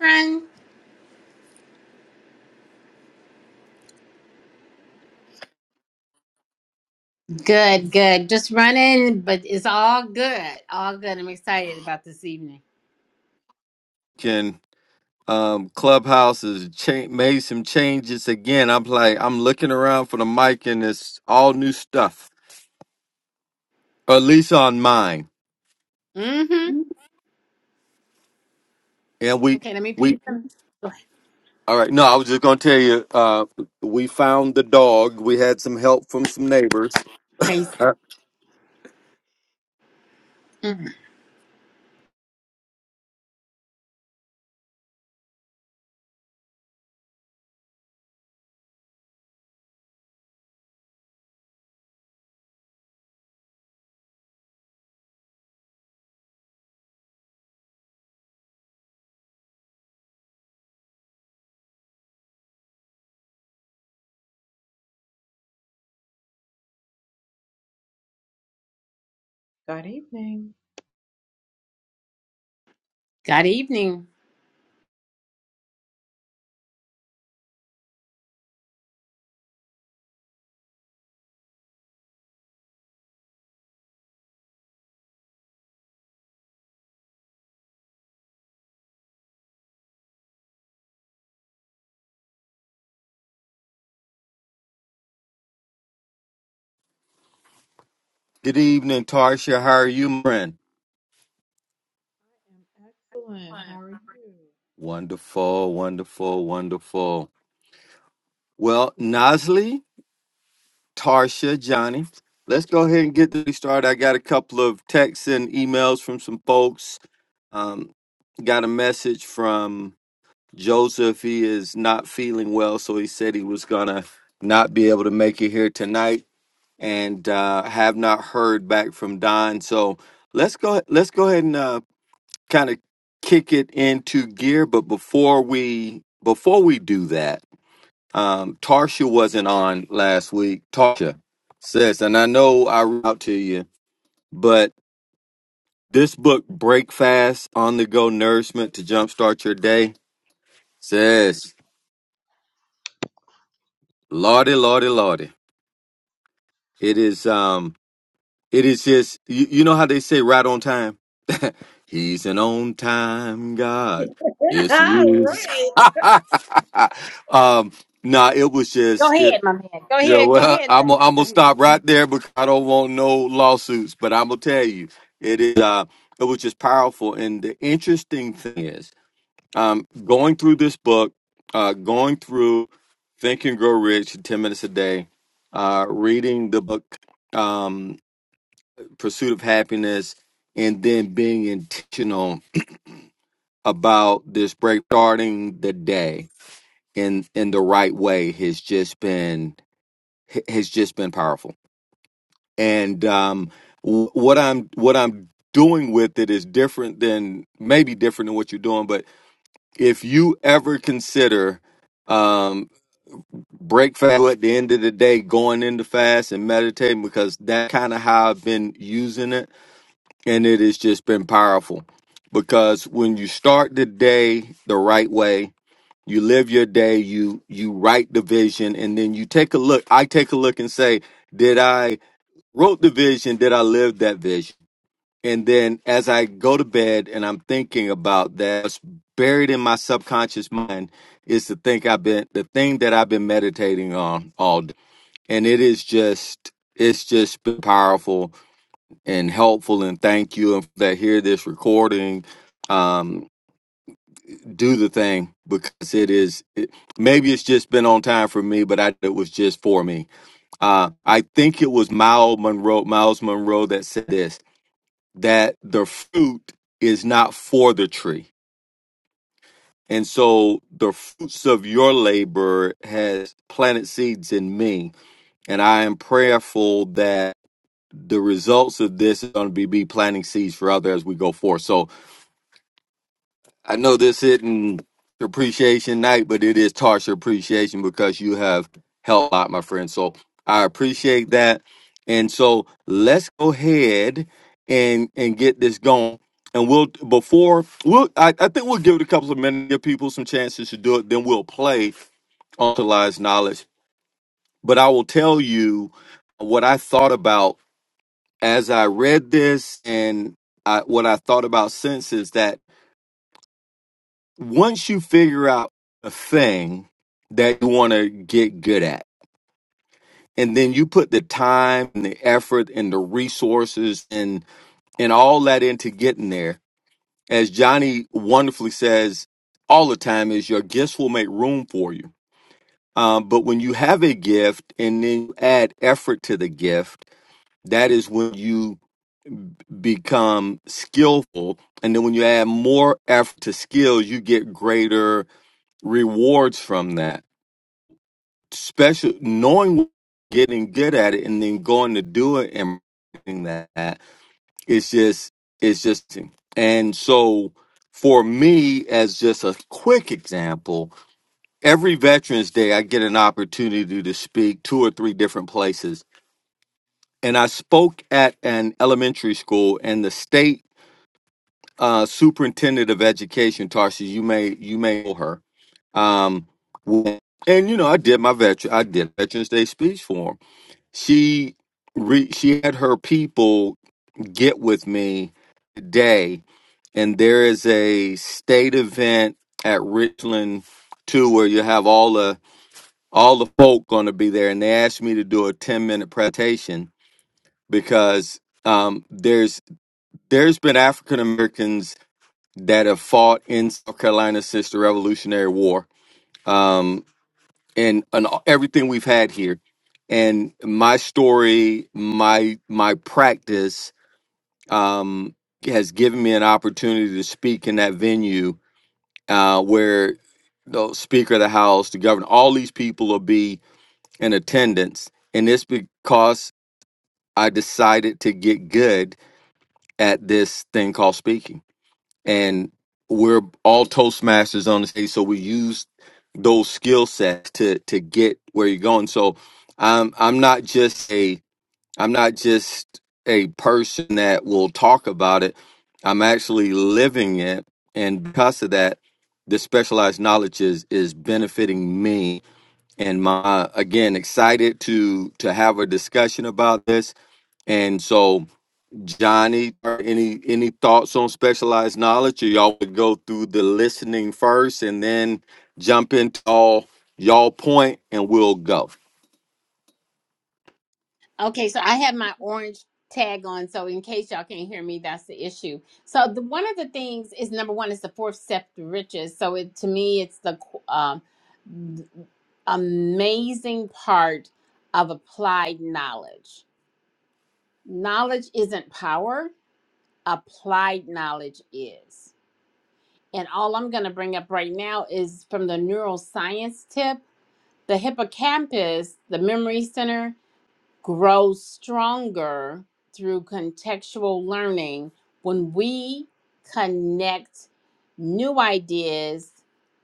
Run. Good, good. Just running, but it's all good. All good. I'm excited about this evening. can um clubhouse has cha- made some changes again i'm like i'm looking around for the mic and it's all new stuff or at least on mine Mm-hmm. and we Okay, let me ping we some. Go ahead. all right no i was just gonna tell you uh we found the dog we had some help from some neighbors Praise Uh, him. Mhm. Good evening. God evening. good evening tarsha how are you my friend I am excellent. How are you? wonderful wonderful wonderful well nosley Tarsha, Johnny. Let's go ahead and get this started. I got a couple of texts and emails from some folks. Um, got a message from Joseph. He is not feeling well, so he said he was gonna not be able to make it here tonight, and uh, have not heard back from Don. So let's go. Let's go ahead and uh, kind of kick it into gear. But before we before we do that. Um, Tarsha wasn't on last week. Tarsha says, and I know I read out to you, but this book, Breakfast on the Go Nourishment to Jumpstart Your Day, says, Lordy, Lordy, Lordy. It is, um, it is just, you, you know how they say right on time? He's an on time God. Yes, he is. um, nah, it was Go just, ahead, my man. Go Yeah, ahead. Go well, ahead. I'm gonna- Leslie. I'm Go gonna ahead. stop right there because I don't want no lawsuits. But I'm gonna tell you, it is uh, it was just powerful. And the interesting thing is, um, going through this book, uh, going through Think and Grow Rich, ten minutes a day, uh, reading the book, um, Pursuit of Happiness, and then being intentional about this break, starting the day in in the right way, has just been has just been powerful and um, w- what I'm what I'm doing with it is different than maybe different than what you're doing. But if you ever consider um, break fast at the end of the day, going into fast and meditating, because that kind of how I've been using it, and it has just been powerful. Because when you start the day the right way, you live your day, you you write the vision, and then you take a look. I take a look and say, did I wrote the vision? Did I live that vision? And then as I go to bed and I'm thinking about that, what's buried in my subconscious mind is the thing I've been the thing that I've been meditating on all day. And it is just it's just been powerful and helpful and thank you and that hear this recording. Um do the thing because it is it, maybe it's just been on time for me, but I it was just for me. Uh I think it was Miles Monroe Miles Monroe that said this that the fruit is not for the tree. And so the fruits of your labor has planted seeds in me. And I am prayerful that the results of this is going to be, be planting seeds for others as we go forth. So I know this isn't appreciation night, but it is Tarsha appreciation because you have helped out, my friend. So I appreciate that. And so let's go ahead and and get this going. And we'll before we'll I, I think we'll give it a couple of minutes, give people some chances to do it. Then we'll play utilized knowledge. But I will tell you what I thought about as I read this and I, what I thought about since is that once you figure out a thing that you want to get good at and then you put the time and the effort and the resources and and all that into getting there as johnny wonderfully says all the time is your gifts will make room for you um, but when you have a gift and then you add effort to the gift that is when you become skillful and then when you add more effort to skills, you get greater rewards from that special knowing what you're getting good at it and then going to do it and doing that it's just it's just and so for me as just a quick example every veterans day i get an opportunity to speak two or three different places and i spoke at an elementary school and the state uh, superintendent of education tarsha you may you may know her um, and you know i did my veteran i did veterans day speech for 'em. she re, she had her people get with me today and there is a state event at richland too where you have all the all the folk going to be there and they asked me to do a 10 minute presentation because um, there's there's been african americans that have fought in south carolina since the revolutionary war Um, and and everything we've had here and my story my my practice um has given me an opportunity to speak in that venue uh where the speaker of the house the governor all these people will be in attendance and it's because i decided to get good at this thing called speaking and we're all toastmasters on the stage so we use those skill sets to to get where you're going so i'm i'm not just a i'm not just a person that will talk about it i'm actually living it and because of that the specialized knowledge is is benefiting me and my again excited to to have a discussion about this and so Johnny, or any any thoughts on specialized knowledge? Or y'all would go through the listening first and then jump into all y'all point and we'll go. Okay, so I have my orange tag on, so in case y'all can't hear me, that's the issue. So the one of the things is number one is the fourth step to riches. So it to me, it's the um, amazing part of applied knowledge knowledge isn't power applied knowledge is and all i'm going to bring up right now is from the neuroscience tip the hippocampus the memory center grows stronger through contextual learning when we connect new ideas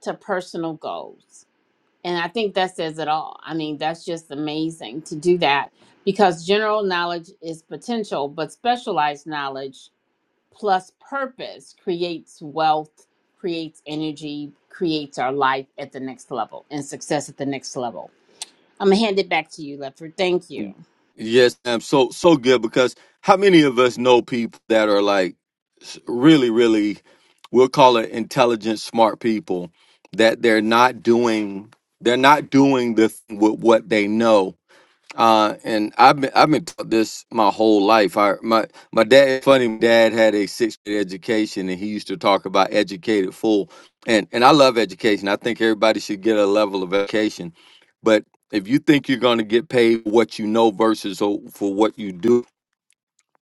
to personal goals and i think that says it all i mean that's just amazing to do that because general knowledge is potential but specialized knowledge plus purpose creates wealth, creates energy, creates our life at the next level and success at the next level. I'm gonna hand it back to you, Lefford. Thank you. Yes, I'm so so good because how many of us know people that are like s- really, really we'll call it intelligent, smart people that they're not doing they're not doing the th- with what they know Uh, and I've been I've been taught this my whole life. I my my dad funny. My dad had a sixth grade education, and he used to talk about educated fool. And and I love education. I think everybody should get a level of education. But if you think you're going to get paid for what you know versus o- for what you do,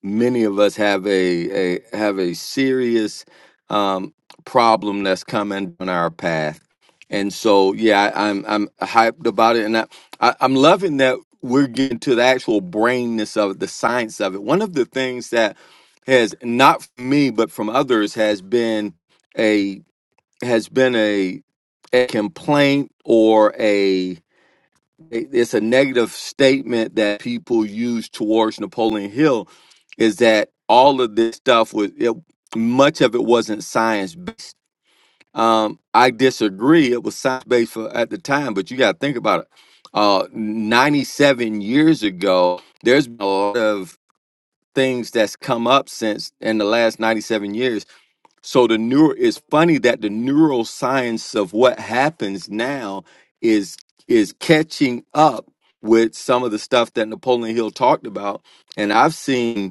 many of us have a, a have a serious um, problem that's coming on our path, and so yeah, I, I'm I'm hyped about it, and I, I I'm loving that we're getting to the actual brainness of it, the science of it. One of the things that has not from me but from others has been a has been a, a complaint or a it's a negative statement that people use towards Napoleon Hill is that all of this stuff was it, much of it wasn't science based. Um, I disagree. It was science based for, at the time, but you got to think about it. Uh, 97 years ago, there's been a lot of things that's come up since in the last 97 years so the neuro it's funny that the neuroscience of what happens now is is catching up with some of the stuff that Napoleon Hill talked about. And I've seen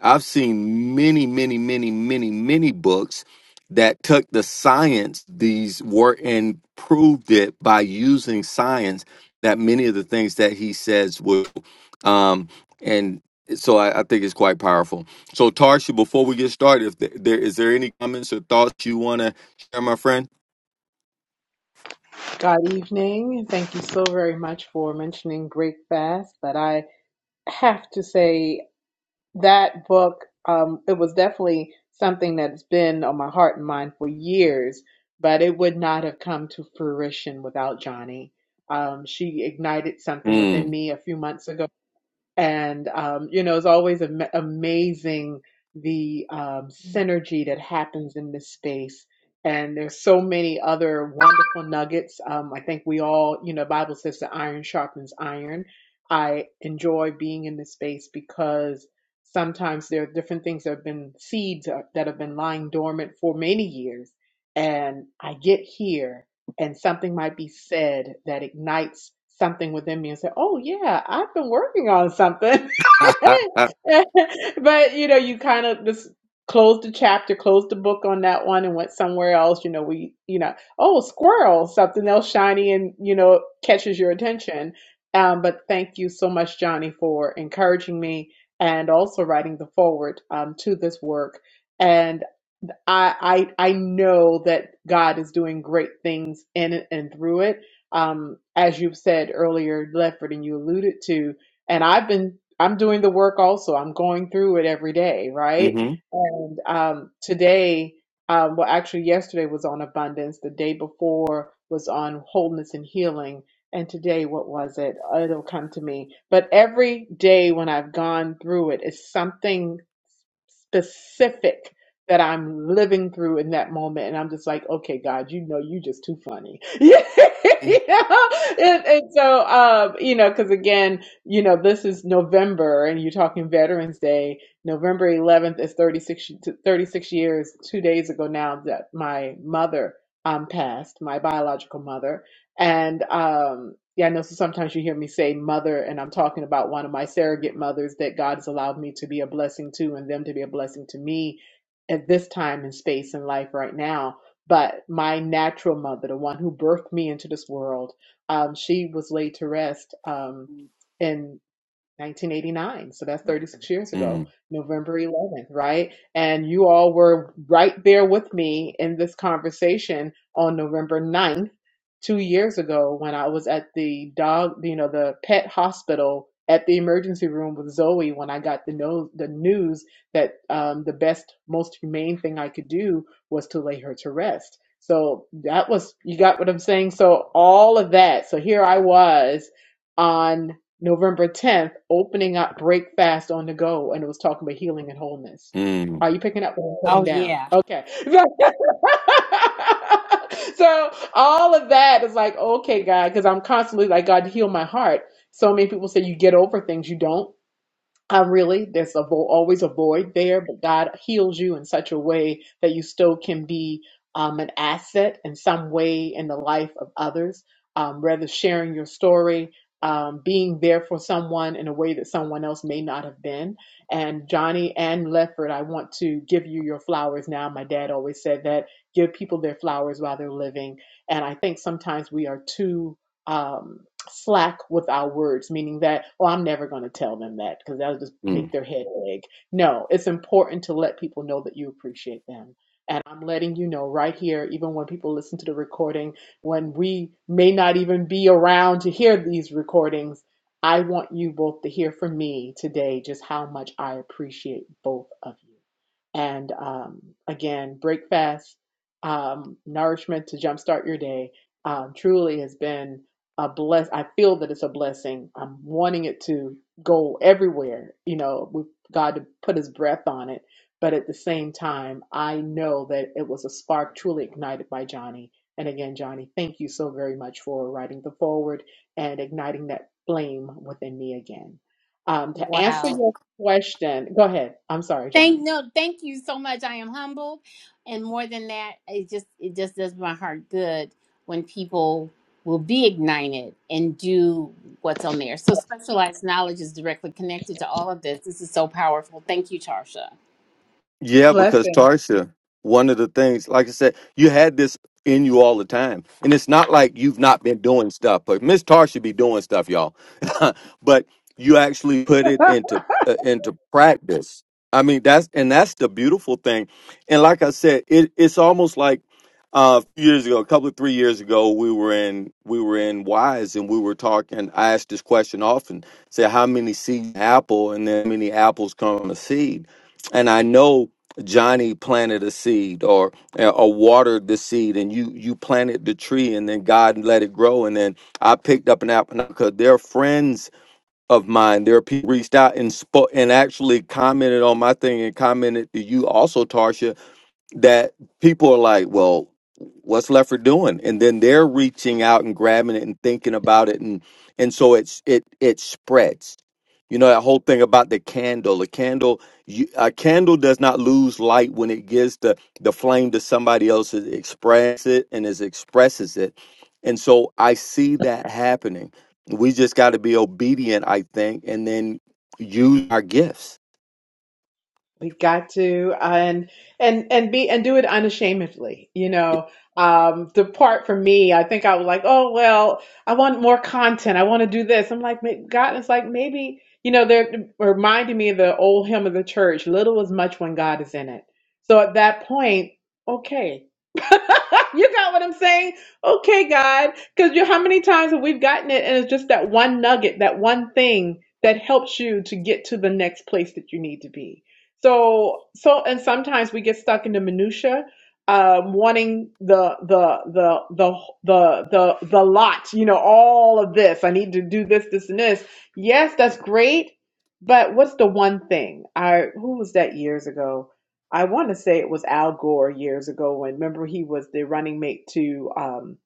I've seen many, many, many, many, many books that took the science these were and proved it by using science that many of the things that he says were um and so I, I think it's quite powerful. So Tarsha, before we get started, if there, there is there any comments or thoughts you want to share, my friend? Good evening. and Thank you so very much for mentioning Break Fast. But I have to say that book, um, it was definitely something that's been on my heart and mind for years, but it would not have come to fruition without Johnny. Um, she ignited something within Mm. me a few months ago. and um, you know it's always am- amazing the um, synergy that happens in this space and there's so many other wonderful nuggets um, i think we all you know bible says that iron sharpens iron i enjoy being in this space because sometimes there are different things that have been seeds uh, that have been lying dormant for many years and i get here and something might be said that ignites something within me and say, "Oh yeah, I've been working on something." but you know, you kind of just close the chapter, close the book on that one, and went somewhere else. You know, we, you know, oh squirrel, something else shiny and you know catches your attention. Um, but thank you so much, Johnny, for encouraging me and also writing the forward um, to this work. and. I I I know that God is doing great things in it and through it. Um, as you've said earlier, Lefford, and you alluded to, and I've been I'm doing the work also. I'm going through it every day, right? mm-hmm. And um, today, um, well, actually, yesterday was on abundance. The day before was on wholeness and healing. And today, what was it? It'll come to me. But every day when I've gone through it, it's something specific that I'm living through in that moment. And I'm just like, okay, God, you know, you just too funny. Mm, Yeah. and, and so, um, you know, cause again, you know, this is November and you're talking Veterans Day. November 11th is 36, to 36 years, two days ago now that my mother, um, passed, my biological mother. And um, yeah, I know so sometimes you hear me say mother, and I'm talking about one of my surrogate mothers that God has allowed me to be a blessing to and them to be a blessing to me at this time and space in life right now. But my natural mother, the one who birthed me into this world, um, she was laid to rest um, 1989. So that's 36 years ago, November 11th, right? And you all were right there with me in this conversation on November 9th, two years ago, when I was at the dog, you know, the pet hospital at the emergency room with Zoe when I got the, no- the news that um, the best, most humane thing I could do was to lay her to rest. So that was, you got what I'm saying? So all of that. So here I was on. November 10th, opening up breakfast on the Go, and it was talking about healing and wholeness. mm, Are you picking up what I'm putting Oh down? yeah. Okay. so all of that is like, okay, God, because I'm constantly like, God, heal my heart. So many people say you get over things, you don't. I really, there's a vo- always a void there, but God heals you in such a way that you still can be um, an asset in some way in the life of others. Um, rather sharing your story, um, being there for someone in a way that someone else may not have been. And Johnny and Lefford, I want to give you your flowers now. My dad always said that give people their flowers while they're living. And I think sometimes we are too. Um, slack with our words, meaning that, oh, I'm never going to tell them that because that'll just mm. make their head ache. No, it's important to let people know that you appreciate them. And I'm letting you know right here, even when people listen to the recording, when we may not even be around to hear these recordings, I want you both to hear from me today just how much I appreciate both of you. And um, again, breakfast, um, nourishment to jumpstart your day um, truly has been a bless I feel that it's a blessing. I'm wanting it to go everywhere, you know, with God to put his breath on it. But at the same time, I know that it was a spark truly ignited by Johnny. And again, Johnny, thank you so very much for writing the forward and igniting that flame within me again. Um, to answer Wow. your question, go ahead. I'm sorry, Thank Johnny. no, thank you so much. I am humbled. And more than that, it just it just does my heart good when people will be ignited and do what's on there. So specialized knowledge is directly connected to all of this. This is so powerful. Thank you, Tarsha. Yeah, because Blessing. Tarsha, one of the things, like I said, you had this in you all the time. And it's not like you've not been doing stuff, but Miss Tarsha be doing stuff, y'all. but you actually put it into uh, into practice. I mean, that's and that's the beautiful thing. And like I said, it, it's almost like uh, a few years ago, a couple of three years ago, we were in we were in Wise and we were talking. I asked this question often: say how many seeds in an apple, and then how many apples come from a seed. And I know Johnny planted a seed or uh, or watered the seed and you you planted the tree and then God let it grow and then I picked up an apple because they're friends of mine. There are people reached out and spoke and actually commented on my thing and commented to you also, Tarsha that people are like, well, what's Lefford doing? And then they're reaching out and grabbing it and thinking about it, and and so it's it it spreads. You know that whole thing about the candle. A candle, you, a candle does not lose light when it gives the the flame to somebody else. It expresses it and it expresses it, and so I see that happening. We just got to be obedient, I think, and then use our gifts. We got to uh, and and and be and do it unashamedly. You Yeah, know, um, the part for me, I think I was like, oh well, I want more content. I want to do this. I'm like, may- God is like maybe you know they're reminding me of the old hymn of the church: "Little is much when God is in it." So at that point, okay. you got what I'm saying? Okay, God. Because you how many times have we gotten it and it's just that one nugget, that one thing that helps you to get to the next place that you need to be. So so and sometimes we get stuck in the minutia, um, wanting the the the the the the the lot, you know, all of this. I need to do this, this, and this. Yes, that's great, but what's the one thing? I who was that years ago? I want to say it was Al Gore years ago when remember he was the running mate to um,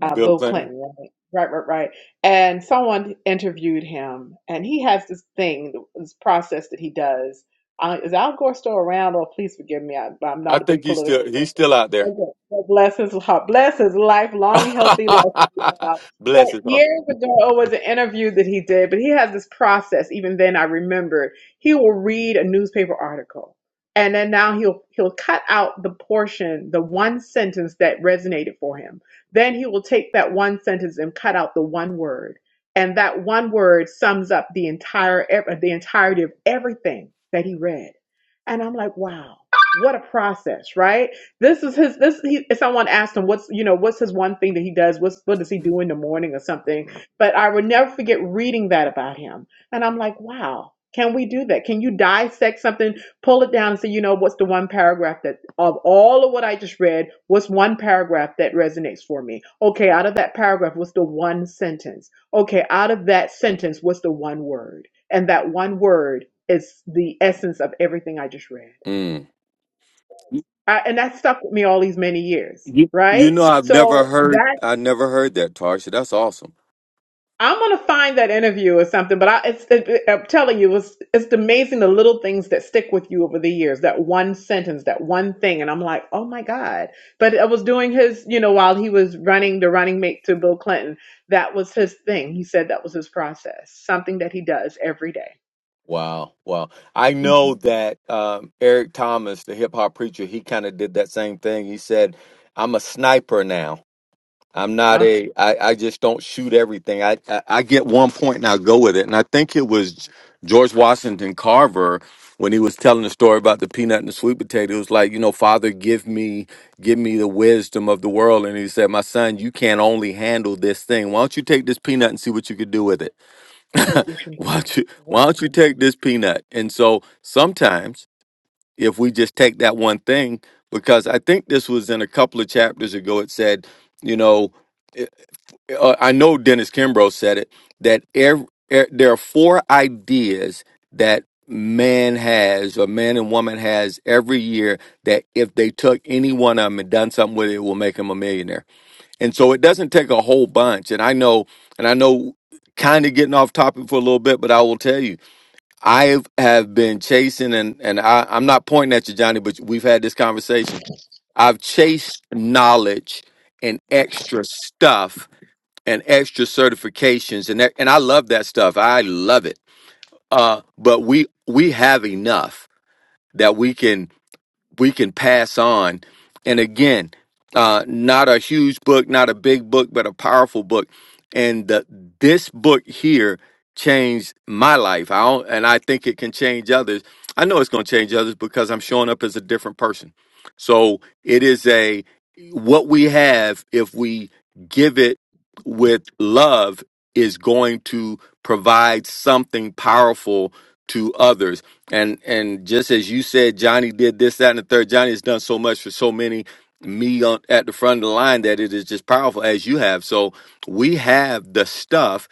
uh, Bill Bill Clinton. Clinton, right? Right, right, right. And someone interviewed him, and he has this thing, this process that he does. Uh, is Al Gore still around? Or please forgive me, I, I'm I not a think big he's political still he's person. still out there. Okay. Well, Bless his heart, bless his life, long, healthy life. to But Bless his heart. years ago, it was an interview that he did, but he has this process. Even then, I remembered he will read a newspaper article, and then now he'll he'll cut out the portion, the one sentence that resonated for him then he will take that one sentence and cut out the one word. And that one word sums up the entire the entirety of everything that he read. And I'm like, wow, what a process, right? This is his this he someone asked him what's you know, what's his one thing that he does, what's what does he do in the morning or something. But I would never forget reading that about him. And I'm like, wow, can we do that? Can you dissect something? pull it down and say, you know, what's the one paragraph that of all of what I just read, what's one paragraph that resonates for me? Okay, out of that paragraph, what's the one sentence? Okay, out of that sentence, what's the one word? And that one word is the essence of everything I just read. Mm. You, I, and that stuck with me all these many years, you you right? know, I've never So heard. that. I never heard that, Tarsha. That's awesome. I'm gonna find that interview or something, but I, it's, it, I'm telling you, it's, it's amazing the little things that stick with you over the years. That one sentence, that one thing, and I'm like, oh my god! But I was doing his, you know, while he was running the running mate to Bill Clinton, that was his thing. He said that was his process, something that he does every day. Wow, wow. I know Mhm. that um, Eric Thomas, the hip hop preacher, he kind of did that same thing. He said, I'm a sniper now. I'm not Ah, a. I, I just don't shoot everything. I, I I get one point and I go with it. And I think it was George Washington Carver when he was telling the story about the peanut and the sweet potato. It was like, you know, Father, give me give me the wisdom of the world. And he said, My son, you can't only handle this thing. Why don't you take this peanut and see what you could do with it? see what you can do. Why don't you Wow. Why don't you take this peanut? And so sometimes if we just take that one thing, because I think this was in a couple of chapters ago, it said, you know uh, I know Dennis Kimbrough said it that ev er, there are four ideas that man has or man and woman has every year that if they took any one of them and done something with it, it will make them a millionaire. And so it doesn't take a whole bunch. And I know, and I know kind of getting off topic for a little bit, but I will tell you, I have been chasing and, and I, I'm not pointing at you, Johnny, but we've had this conversation. I've chased knowledge and extra stuff and extra certifications and that, and I love that stuff. I love it. Uh, but we we have enough that we can we can pass on. And again, uh, not a huge book, not a big book, but a powerful book. And the, this book here changed my life. I don't, and I think it can change others. I know it's going to change others because I'm showing up as a different person. So it is a what we have if we give it with love is going to provide something powerful to others and and just as you said, Johnny did this, that, and the third. Johnny has done so much for so many me on, at the front of the line that it is just powerful as you have. So we have the stuff,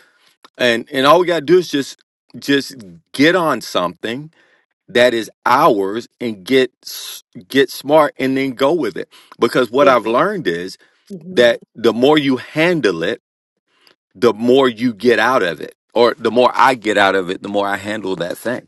and and all we gotta do is just just get on something that is ours and get s- get smart and then go with it. Because what So, I've learned is mhm. that the more you handle it, the more you get out of it, or the more I get out of it, the more I handle that thing.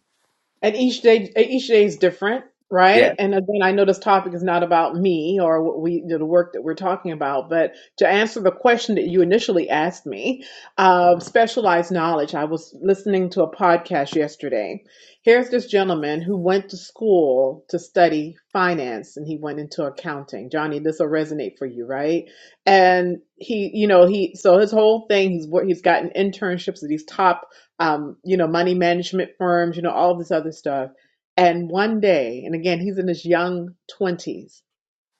and each day each day is different Yeah. right and again i know this topic is not about me or what we you know, the work that we're talking about but to answer the question that you initially asked me um, specialized knowledge i was listening to a podcast yesterday here's this gentleman who went to school to study finance and he went into accounting johnny this will resonate for you right and he you know he so his whole thing he's wor- he's gotten internships at these top um, you know, money management firms, you know, all this other stuff. And one day, and again, he's in his young twenties.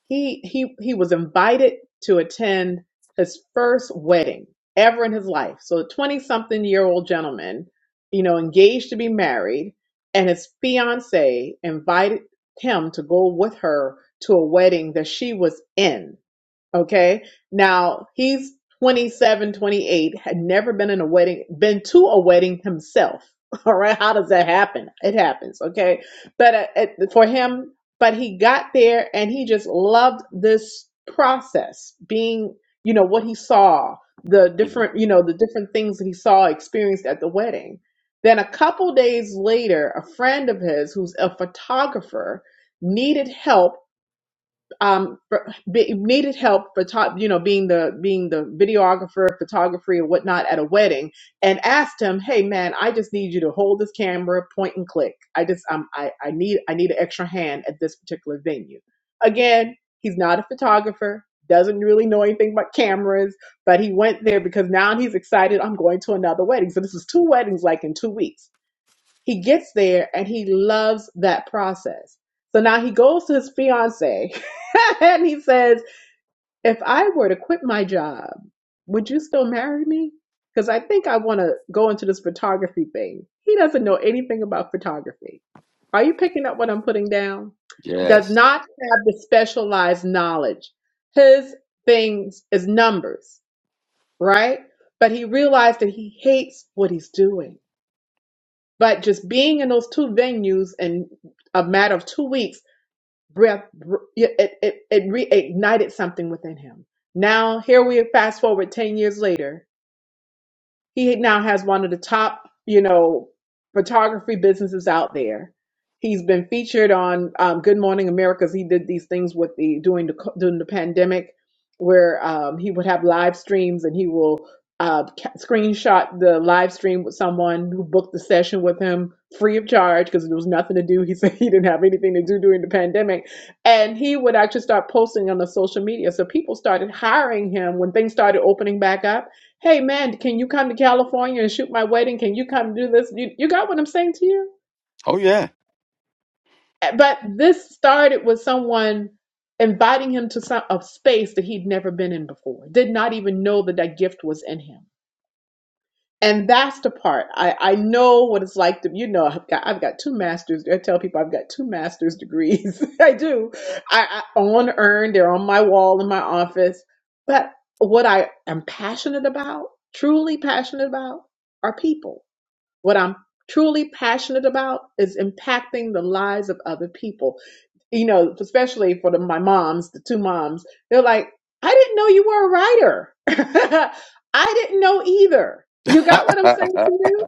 He he he was invited to attend his first wedding ever in his life. So, a twenty-something-year-old gentleman, you know, engaged to be married, and his fiance invited him to go with her to a wedding that she was in Okay. Now he's 27, 28, had never been in a wedding, been to a wedding himself. All right. How does that happen? It happens. Okay. But uh, it- for him, but he got there and he just loved this process being, you know, what he saw, the Mhm. different, you know, the different things that he saw, experienced at the wedding. Then a couple days later, a friend of his who's a photographer needed help um for, be, needed help for top you know being the being the videographer photography and whatnot at a wedding and asked him hey man i just need you to hold this camera point and click i just um i i need i need an extra hand at this particular venue again he's not a photographer doesn't really know anything about cameras but he went there because now he's excited i'm going to another wedding so this is two weddings like in two weeks he gets there and he loves that process. So now he goes to his fiance and he says, If I were to quit my job, would you still marry me? Because I think I want to go into this photography thing. He doesn't know anything about photography. Are you picking up what I'm putting down? Yes. Does not have the specialized knowledge. His thing is numbers, right? But he realized that he hates what he's doing. But just being in those two venues in a matter of two weeks, breath it it, it reignited something within him. Now here we are, fast forward ten years later he now has one of the top, you know, photography businesses out there. He's been featured on um, Good Morning America. He did these things with the during the co- during the pandemic, where um, he would have live streams and he will uh, ca- screenshot the live stream with someone who booked the session with him free of charge because there was nothing to do. He said he didn't have anything to do during the pandemic, and he would actually start posting on the social media. So people started hiring him when things started opening back up Hey man, can you come to California and shoot my wedding? Can you come do this? You, you got what I'm saying to you? Oh yeah. Uh, But this started with someone inviting him to some a space that he'd never been in before. Did not even know that that gift was in him. And that's the part I, I know what it's like to you know I've got I've got two masters. I tell people I've got two master's degrees. I do. I, I on earned. They're on my wall in my office. But what I am passionate about, truly passionate about, are people What I'm truly passionate about is impacting the lives of other people. You know, especially for the, my moms, the two moms, they're like, I didn't know you were a writer. I didn't know either. You got what I'm saying to you?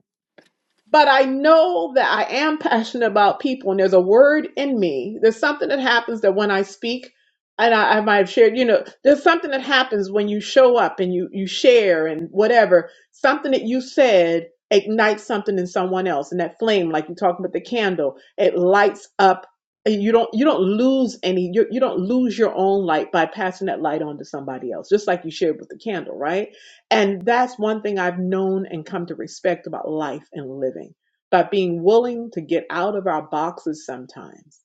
but I know that I am passionate about people, and there's a word in me. There's something that happens that when I speak, and I, I might have shared, you know, there's something that happens when you show up and you you share and whatever. Something that you said ignites something in someone else, and that flame, like you're talking about the candle, it lights up. And you don't you don't lose any you you don't lose your own light by passing that light on to somebody else, just like you shared with the candle, right? And that's one thing I've known and come to respect about life and living by being willing to get out of our boxes sometimes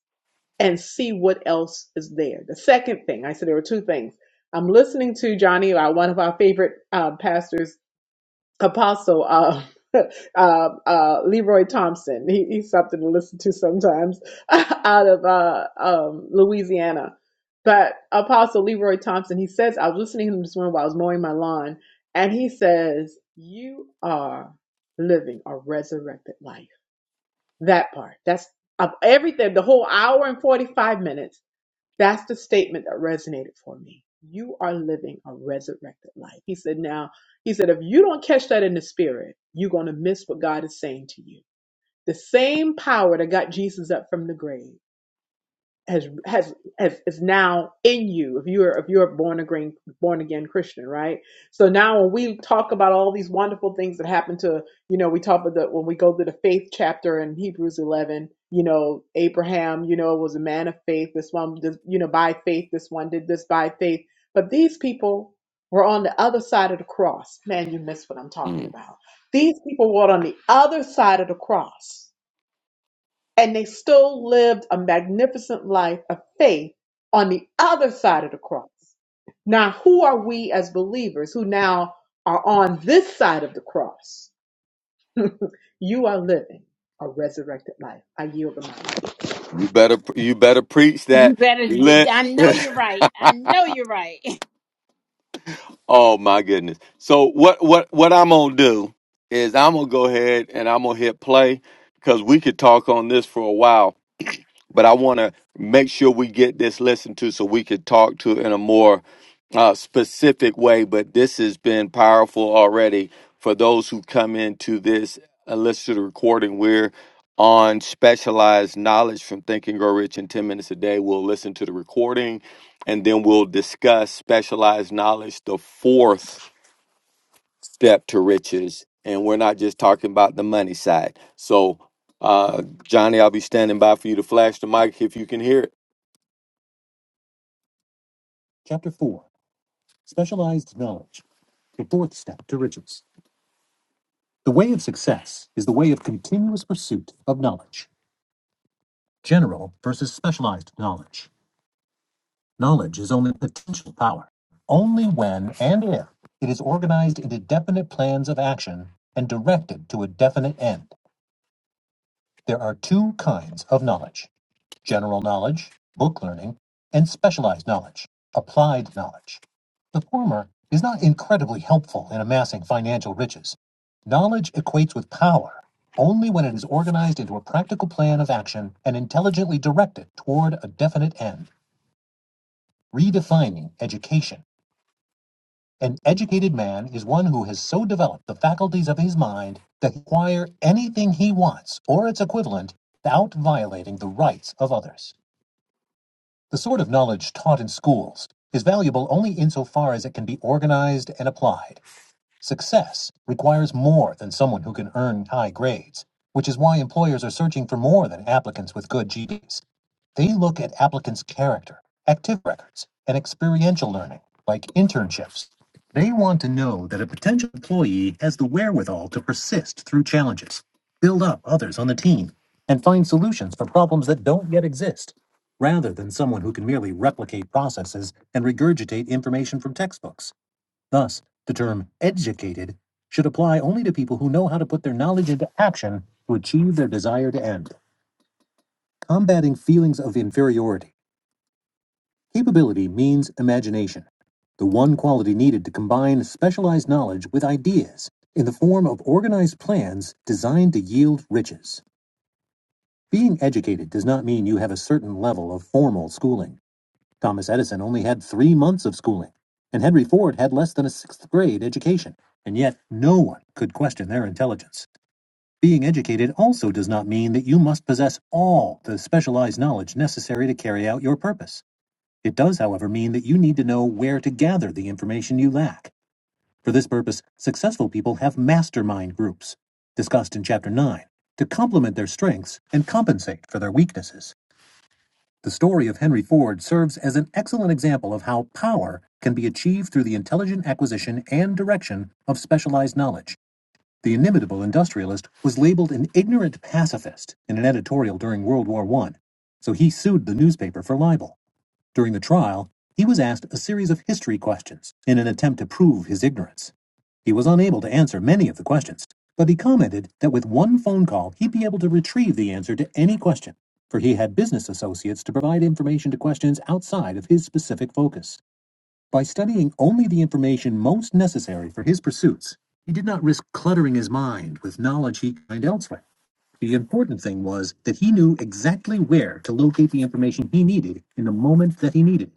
and see what else is there. The second thing, I said there were two things. I'm listening to Johnny, our- one of our favorite uh, pastors Apostle uh, uh, uh, Leroy Thompson. He, he's something to listen to sometimes out of uh, um, Louisiana. But Apostle Leroy Thompson, he says, I was listening to him this morning while I was mowing my lawn, and he says, You are living a resurrected life. That part. That's of everything, the whole hour and 45 minutes that's the statement that resonated for me. You are living a resurrected life. He said, now, he said, if you don't catch that in the spirit, you're going to miss what God is saying to you. The same power that got Jesus up from the grave has has has is now in you if you're if you're a born again born again Christian, right? So now when we talk about all these wonderful things that happen to you know we talk about the when we go to the faith chapter in Hebrews eleven, you know Abraham, you know was a man of faith. This one, did, you know, by faith, this one did this by faith. But these people were on the other side of the cross. Man, you missed what I'm talking Mm. about. These people were on the other side of the cross and they still lived a magnificent life of faith on the other side of the cross. Now, who are we as believers who now are on this side of the cross? You are living a resurrected life. I yield the mic. you better you better preach You that. better. d- Let I know you're right. I know you're right. Oh my goodness. So what what what I'm going to do is I'm going to go ahead and I'm going to hit play cuz we could talk on this for a while. but I want to make sure we get this listened to so we could talk to it in a more uh, specific way. But this has been powerful already for those who come into this uh, listen to the recording. We're on specialized knowledge from Think and Grow Rich in 10 minutes a day. We'll listen to the recording and then we'll discuss specialized knowledge, the fourth step to riches and we're not just talking about the money side so uh johnny i'll be standing by for you to flash the mic if you can hear it Chapter 4 Specialized Knowledge, the fourth step to riches. The way of success is the way of continuous pursuit of knowledge. General versus specialized knowledge. Knowledge is only potential power. Only when and if it is organized into definite plans of action and directed to a definite end. There are two kinds of knowledge general knowledge, book learning, and specialized knowledge, applied knowledge. The former is not incredibly helpful in amassing financial riches. Knowledge equates with power only when it is organized into a practical plan of action and intelligently directed toward a definite end, redefining education. An educated man is one who has so developed the faculties of his mind that he can acquire anything he wants or its equivalent without violating the rights of others. The sort of knowledge taught in schools is valuable only insofar as it can be organized and applied. Success requires more than someone who can earn high grades, which is why employers are searching for more than applicants with good GPs. They look at applicants' character, active records, and experiential learning, like internships. They want to know that a potential employee has the wherewithal to persist through challenges, build up others on the team, and find solutions for problems that don't yet exist, rather than someone who can merely replicate processes and regurgitate information from textbooks. Thus, the term educated should apply only to people who know how to put their knowledge into action to achieve their desired end. Combating feelings of inferiority. Capability means imagination, the one quality needed to combine specialized knowledge with ideas in the form of organized plans designed to yield riches. Being educated does not mean you have a certain level of formal schooling. Thomas Edison only had three months of schooling, and Henry Ford had less than a sixth grade education. And yet, no one could question their intelligence. Being educated also does not mean that you must possess all the specialized knowledge necessary to carry out your purpose. It does, however, mean that you need to know where to gather the information you lack. For this purpose, successful people have mastermind groups, discussed in Chapter 9, to complement their strengths and compensate for their weaknesses. The story of Henry Ford serves as an excellent example of how power can be achieved through the intelligent acquisition and direction of specialized knowledge. The inimitable industrialist was labeled an ignorant pacifist in an editorial during World War I, so he sued the newspaper for libel. During the trial, he was asked a series of history questions in an attempt to prove his ignorance. He was unable to answer many of the questions, but he commented that with one phone call, he'd be able to retrieve the answer to any question, for he had business associates to provide information to questions outside of his specific focus. By studying only the information most necessary for his pursuits, he did not risk cluttering his mind with knowledge he could find elsewhere. The important thing was that he knew exactly where to locate the information he needed in the moment that he needed it.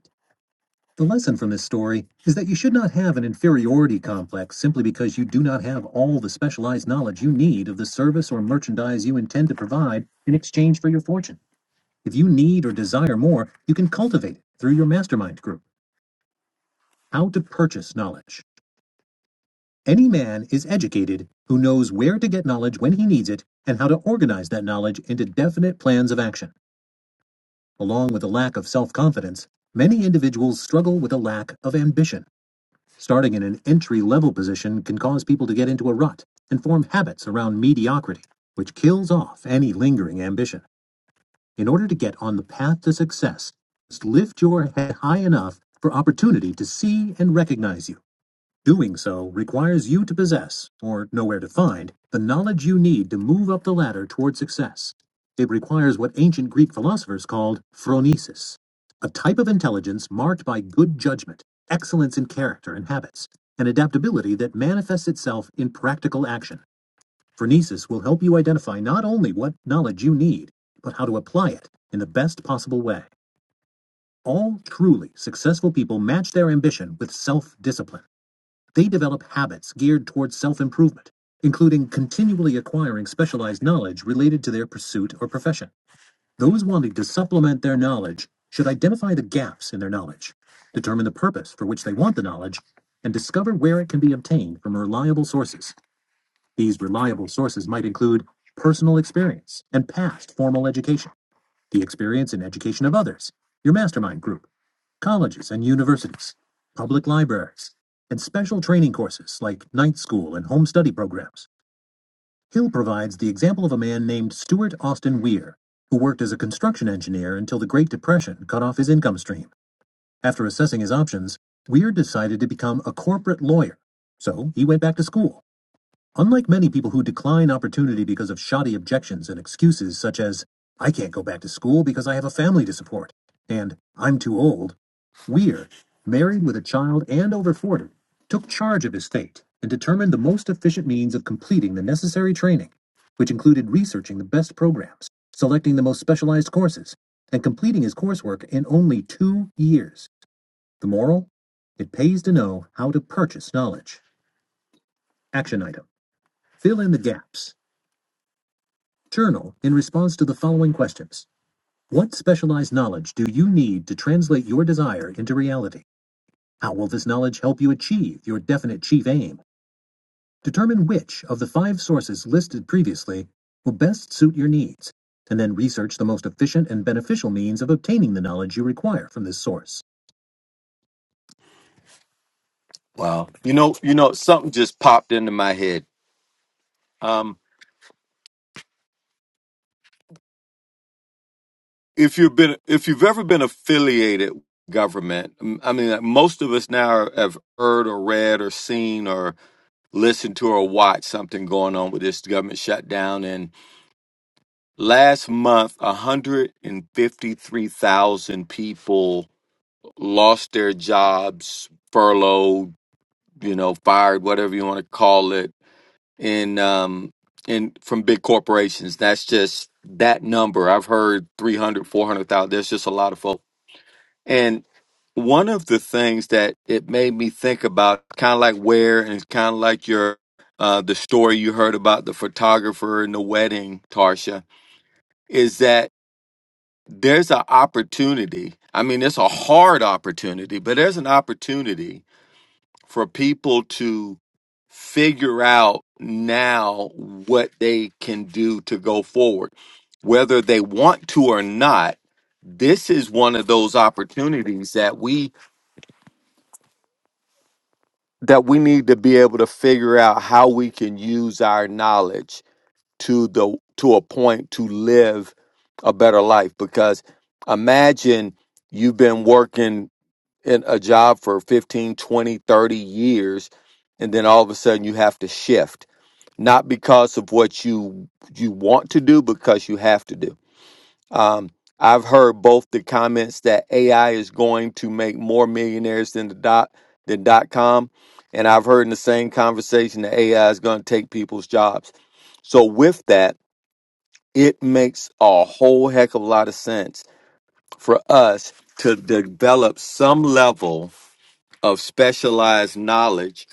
The lesson from this story is that you should not have an inferiority complex simply because you do not have all the specialized knowledge you need of the service or merchandise you intend to provide in exchange for your fortune. If you need or desire more, you can cultivate it through your mastermind group. How to purchase knowledge. Any man is educated who knows where to get knowledge when he needs it and how to organize that knowledge into definite plans of action. Along with a lack of self confidence, many individuals struggle with a lack of ambition. Starting in an entry level position can cause people to get into a rut and form habits around mediocrity, which kills off any lingering ambition. In order to get on the path to success, just lift your head high enough for opportunity to see and recognize you. Doing so requires you to possess, or know where to find, the knowledge you need to move up the ladder toward success. It requires what ancient Greek philosophers called phronesis, a type of intelligence marked by good judgment, excellence in character and habits, and adaptability that manifests itself in practical action. Phronesis will help you identify not only what knowledge you need, but how to apply it in the best possible way. All truly successful people match their ambition with self discipline. They develop habits geared towards self improvement, including continually acquiring specialized knowledge related to their pursuit or profession. Those wanting to supplement their knowledge should identify the gaps in their knowledge, determine the purpose for which they want the knowledge, and discover where it can be obtained from reliable sources. These reliable sources might include personal experience and past formal education, the experience and education of others, your mastermind group, colleges and universities, public libraries, and special training courses like night school and home study programs. Hill provides the example of a man named Stuart Austin Weir, who worked as a construction engineer until the Great Depression cut off his income stream. After assessing his options, Weir decided to become a corporate lawyer, so he went back to school. Unlike many people who decline opportunity because of shoddy objections and excuses such as, I can't go back to school because I have a family to support, and I'm too old, Weir, married with a child and over 40, took charge of his fate and determined the most efficient means of completing the necessary training, which included researching the best programs, selecting the most specialized courses, and completing his coursework in only two years. The moral? It pays to know how to purchase knowledge. Action item Fill in the gaps. Journal in response to the following questions What specialized knowledge do you need to translate your desire into reality? How will this knowledge help you achieve your definite chief aim? Determine which of the five sources listed previously will best suit your needs, and then research the most efficient and beneficial means of obtaining the knowledge you require from this source. Wow. You know, you know, something just popped into my head. if you've been if you've ever been affiliated with government m- i mean like, most of us now are, have heard or read or seen or listened to or watched something going on with this government shutdown and last month 153,000 people lost their jobs furloughed you know fired whatever you want to call it in um in from big corporations that's just that number i've heard three hundred, four hundred thousand. 400,000 there's just a lot of folks And one of the things that it made me think about, kind of like where and kind of like your uh, the story you heard about the photographer and the wedding, Tarsha, is that there's an opportunity. I mean, it's a hard opportunity, but there's an opportunity for people to figure out now what they can do to go forward, whether they want to or not. This is one of those opportunities that we that we need to be able to figure out how we can use our knowledge to the to a point to live a better life because imagine you've been working in a job for 15, 20, 30 years and then all of a sudden you have to shift not because of what you you want to do because you have to do um, I've heard both the comments that AI is going to make more millionaires than the dot than dot com, and I've heard in the same conversation that AI is going to take people's jobs. So with that, it makes a whole heck of a lot of sense for us to develop some level of specialized knowledge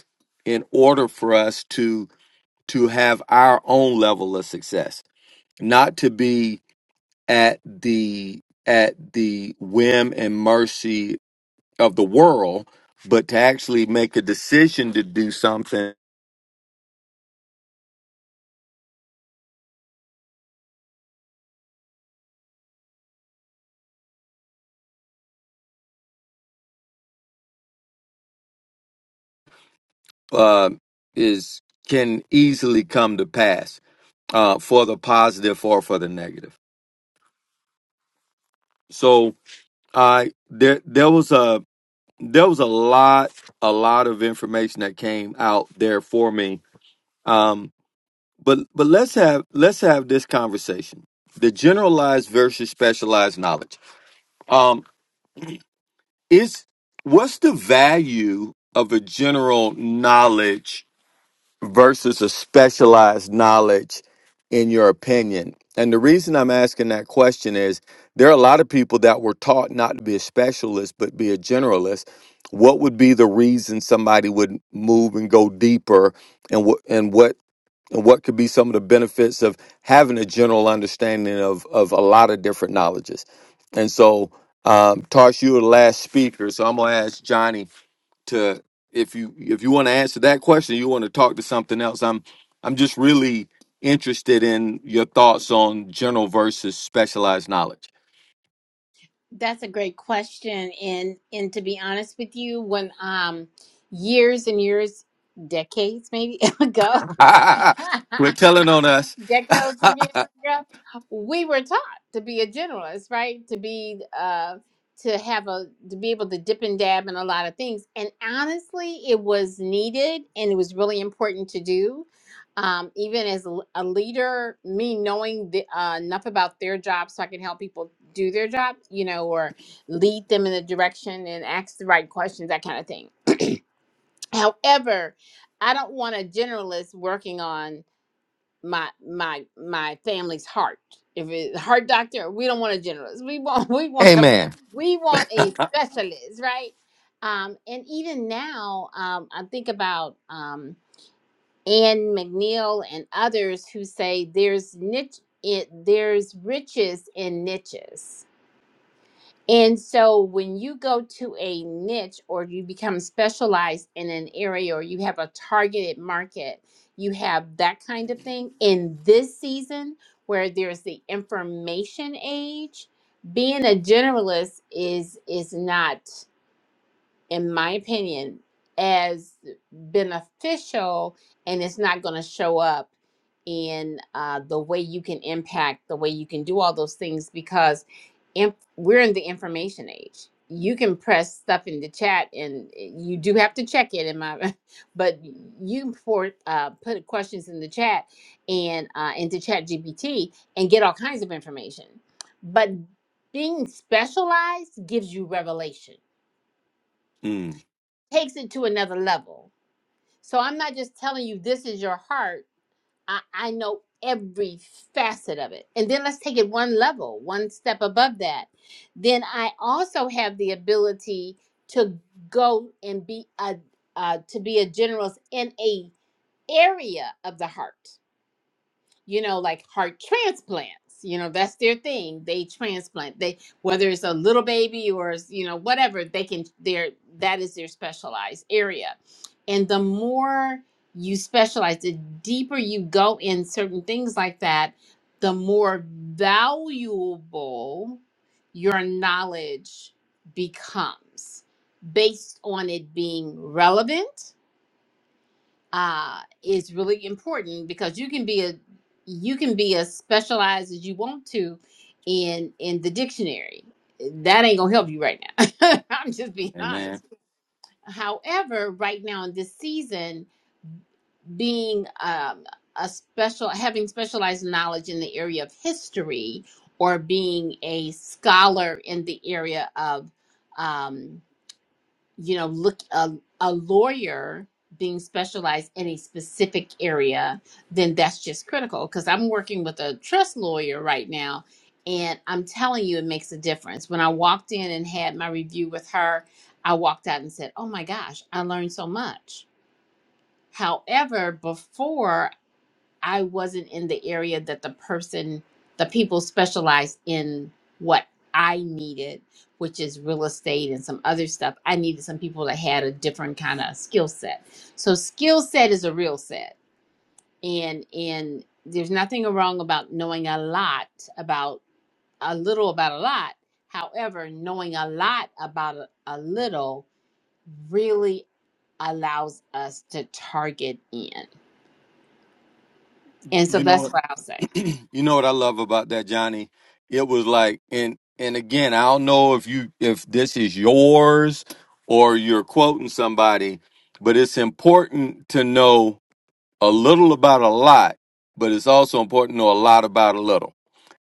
in order for us to to have our own level of success, not to be at the at the whim and mercy of the world, but to actually make a decision to do something uh, is can easily come to pass uh, for the positive or for the negative. So I there there was a there was a lot a lot of information that came out there for me. Um, but but let's have let's have this conversation: the generalized versus specialized knowledge. Um, is what's the value of a general knowledge versus a specialized knowledge in your opinion and the reason i'm asking that question is there are a lot of people that were taught not to be a specialist but be a generalist what would be the reason somebody would move and go deeper and what and what and what could be some of the benefits of having a general understanding of of a lot of different knowledges. And so, um, Tosh, you were the last speaker, so I'm gonna ask Johnny to if you if you want to answer that question, you want to talk to something else. I'm I'm just really interested in your thoughts on general versus specialized knowledge. That's a great question, and and to be honest with you, when um years and years, decades maybe ago, Quit telling on us. decades ago, we were taught to be a generalist, right? To be uh to have a to be able to dip and dab in a lot of things. And honestly, it was needed and it was really important to do. Um, even as a l- a leader, me knowing the, uh, enough about their job so I can help people do their job, you know, or lead them in a direction and ask the right questions, that kind of thing. However, I don't want a generalist working on my my my family's heart. If it's a heart doctor, we don't want a generalist. We want we want a Amen. we want a specialist, right? Um, and even now, um, I think about um, Anne McNeil and others who say there's niche, it, there's riches in niches and so when you go to a niche or you become specialized in an area or you have a targeted market, you have that kind of thing. In this season where there's the information age, being a generalist is is not in my opinion, as beneficial, and it's not going to show up in uh, the way you can impact, the way you can do all those things because inf- we're in the information age. You can press stuff in the chat, and eh, you do have to check it. In my, but you can pour, uh, put questions in the chat and uh, into Chat GPT and get all kinds of information. But being specialized gives you revelation Mm, takes it to another level. So I'm not just telling you this is your heart. I, I know every facet of it. And then let's take it one level, one step above that. Then I also have the ability to go and be a uh, to be a generous in a area of the heart you know, like heart transplants. You know, that's their thing. They transplant. They whether it's a little baby or it's, you know whatever they can. Their that is their specialized area, and the more you specialize, the deeper you go in certain things like that, the more valuable your knowledge becomes based on it being relevant uh, is really important because you can be a you can be as specialized as you want to in in the dictionary. That ain't gonna help you right now. I'm just being amen. honest. However, right now in this season, being um, a special having specialized knowledge in the area of history or being a scholar in the area of um, you know look a, a lawyer being specialized in a specific area then that's just critical because i'm working with a trust lawyer right now and i'm telling you it makes a difference when i walked in and had my review with her i walked out and said oh my gosh i learned so much however before I wasn't in the area that the person, the people specialized in what I needed, which is real estate and some other stuff. I needed some people that had a different kind of skill set. So skill set is a real set. And and there's nothing wrong about knowing a lot about a little about a lot. However, knowing a lot about a, a little really allows us to target in. Y- And so You know what? that's what I'll say. You know what I love about that, Johnny? It was like, and and again, I don't know if you if this is yours or you're quoting somebody, but it's important to know a little about a lot, but it's also important to know a lot about a little.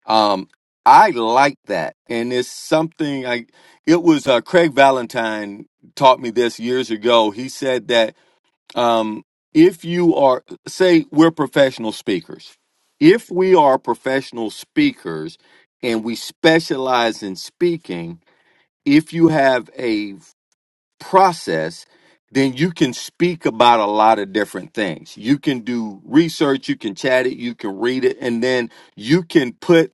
Um, I like that, and it's something I. It was uh, Craig Valentine taught me this years ago. He said that um, if you are, say, we're professional speakers, if we are professional speakers and we specialize in speaking, if you have a process, then you can speak about a lot of different things. You can do research, you can chat it, you can read it, and then you can put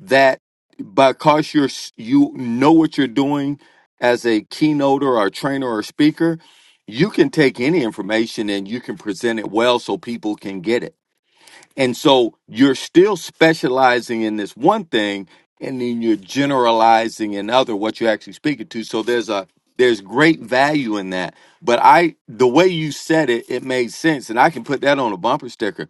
that because you're s- you know what you're doing as a keynoter or a trainer or speaker, you can take any information and you can present it well so people can get it and so you're still specializing in this one thing and then you're generalizing in other what you're actually speaking to. So there's a there's great value in that. But I the way you said it, it made sense. And I can put that on a bumper sticker.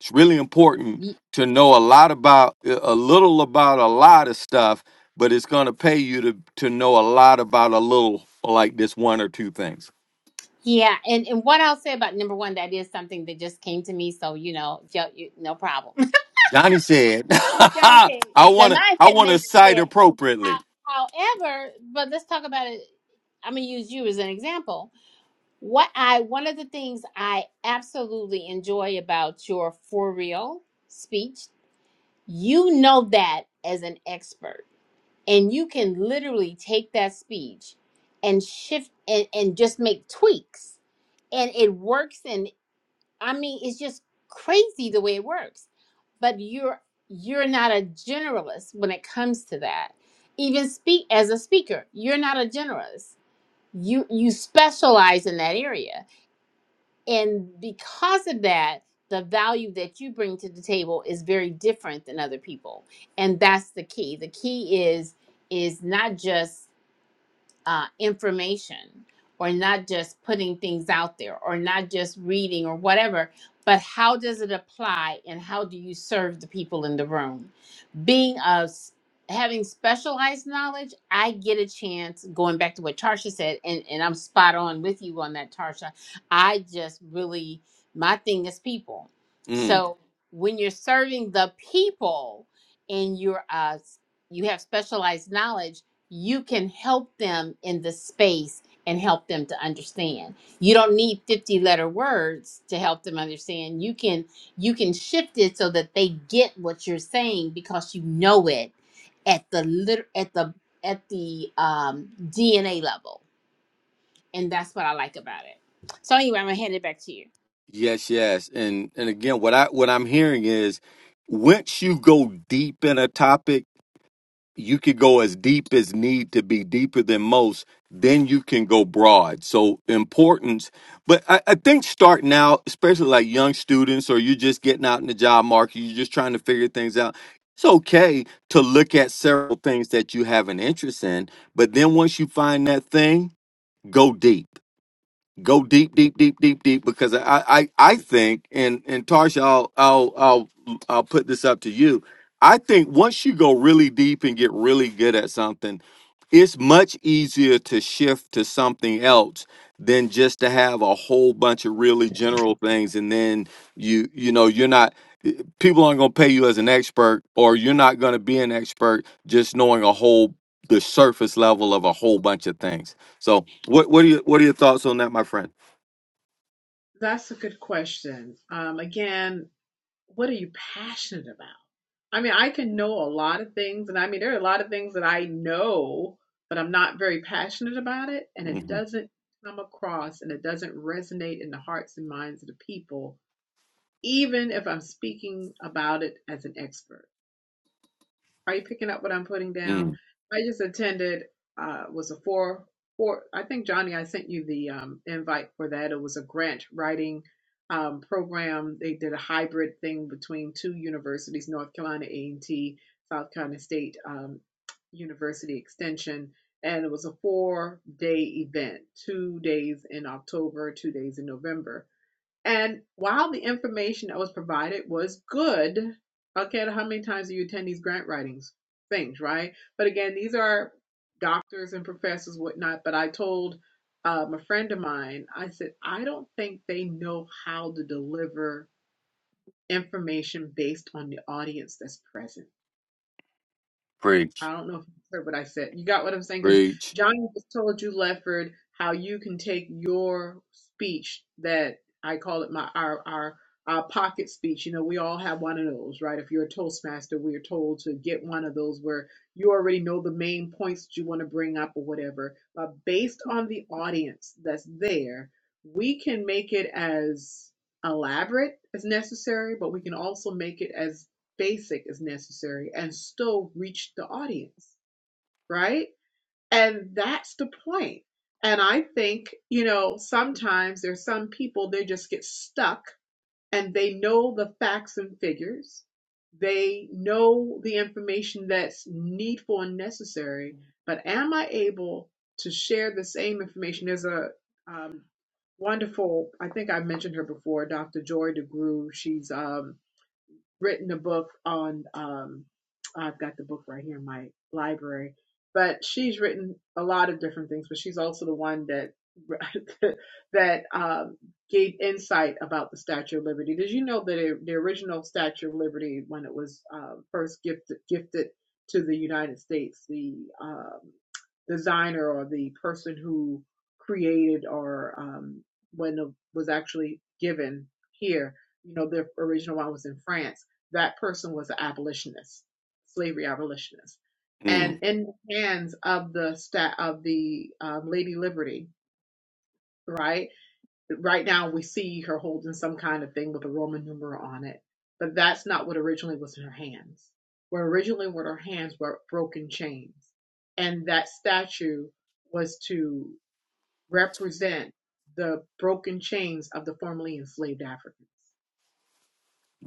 It's really important to know a lot about a little about a lot of stuff, but it's gonna pay you to to know a lot about a little like this one or two things. Yeah, and, and what I'll say about number one, that is something that just came to me. So you know, yo, you, no problem. Johnny said, Johnny I said the wanna I mindset wanna made it cite said. How, appropriately. however, but let's talk about it. I'm gonna use you as an example. What I one of the things I absolutely enjoy about your for real speech, you know that as an expert and you can literally take that speech and shift and, and just make tweaks and it works and I mean, it's just crazy the way it works. But you're you're not a generalist when it comes to that. Even speak as a speaker, you're not a generalist. You you specialize in that area. And because of that, the value that you bring to the table is very different than other people. And that's the key. The key is is not just uh, information or not just putting things out there or not just reading or whatever, but how does it apply and how do you serve the people in the room? Being a s- having specialized knowledge, I get a chance going back to what Tarsha said, and, and I'm spot on with you on that, Tarsha. I just really my thing is people. Mm. So when you're serving the people and you're uh you have specialized knowledge you can help them in the space and help them to understand. You don't need 50 letter words to help them understand. You can you can shift it so that they get what you're saying because you know it at the lit- at the at the um, DNA level. And that's what I like about it. So anyway, I'm gonna hand it back to you. Yes, yes. And and again, what I what I'm hearing is once you go deep in a topic, you could go as deep as need to be, deeper than most, then you can go broad. So importance. But I, I think starting out, especially like young students or you're just getting out in the job market, you're just trying to figure things out. It's okay to look at several things that you have an interest in, but then once you find that thing, go deep go deep, deep, deep, deep, deep, because I, I, I think, and and Tarsha, I'll, I'll, I'll, I'll put this up to you. I think once you go really deep and get really good at something, it's much easier to shift to something else than just to have a whole bunch of really general things, and then you, you know, you're not. People aren't going to pay you as an expert, or you're not going to be an expert just knowing a whole the surface level of a whole bunch of things. So, what what are your what are your thoughts on that, my friend? That's a good question. Um, again, what are you passionate about? I mean, I can know a lot of things, and I mean, there are a lot of things that I know, but I'm not very passionate about it, and it hmm doesn't come across and it doesn't resonate in the hearts and minds of the people, even if I'm speaking about it as an expert. Are you picking up what I'm putting down? Mm, I just attended. Uh, was a four four. I think Johnny, I sent you the um, invite for that. It was a grant writing um, program. They did a hybrid thing between two universities, North Carolina A and T, South Carolina State um, University Extension, and it was a four day event. Two days in October, two days in November and while the information that was provided was good, okay, how many times do you attend these grant writings things, right? But again, these are doctors and professors, whatnot. But I told um, a friend of mine, I said, I don't think they know how to deliver information based on the audience that's present preach, I don't know if you heard what I said. You got what I'm saying? Because preach. Johnny just told you, Lefford, how you can take your speech that I call it my our our our pocket speech. You know, we all have one of those, right? If you're a Toastmaster, we are told to get one of those where you already know the main points that you want to bring up or whatever. But based on the audience that's there, we can make it as elaborate as necessary, but we can also make it as basic as necessary and still reach the audience, right? And that's the point. And I think, you know, sometimes there's some people, they just get stuck and they know the facts and figures. They know the information that's needful and necessary, but am I able to share the same information? There's a um, wonderful, I think I mentioned her before, Dr. Joy DeGruy. She's um, written a book on um I've got the book right here in my library, but she's written a lot of different things, but she's also the one that that um, gave insight about the Statue of Liberty. Did you know that it, the original Statue of Liberty, when it was uh, first gifted gifted to the United States, the um, designer or the person who created or um, when it was actually given here, you know, the original one was in France that person was an abolitionist, slavery abolitionist, Mm, and in the hands of the stat of the um, Lady Liberty, right? Right now, we see her holding some kind of thing with a Roman numeral on it, but that's not what originally was in her hands. What originally were her hands were broken chains, and that statue was to represent the broken chains of the formerly enslaved Africans.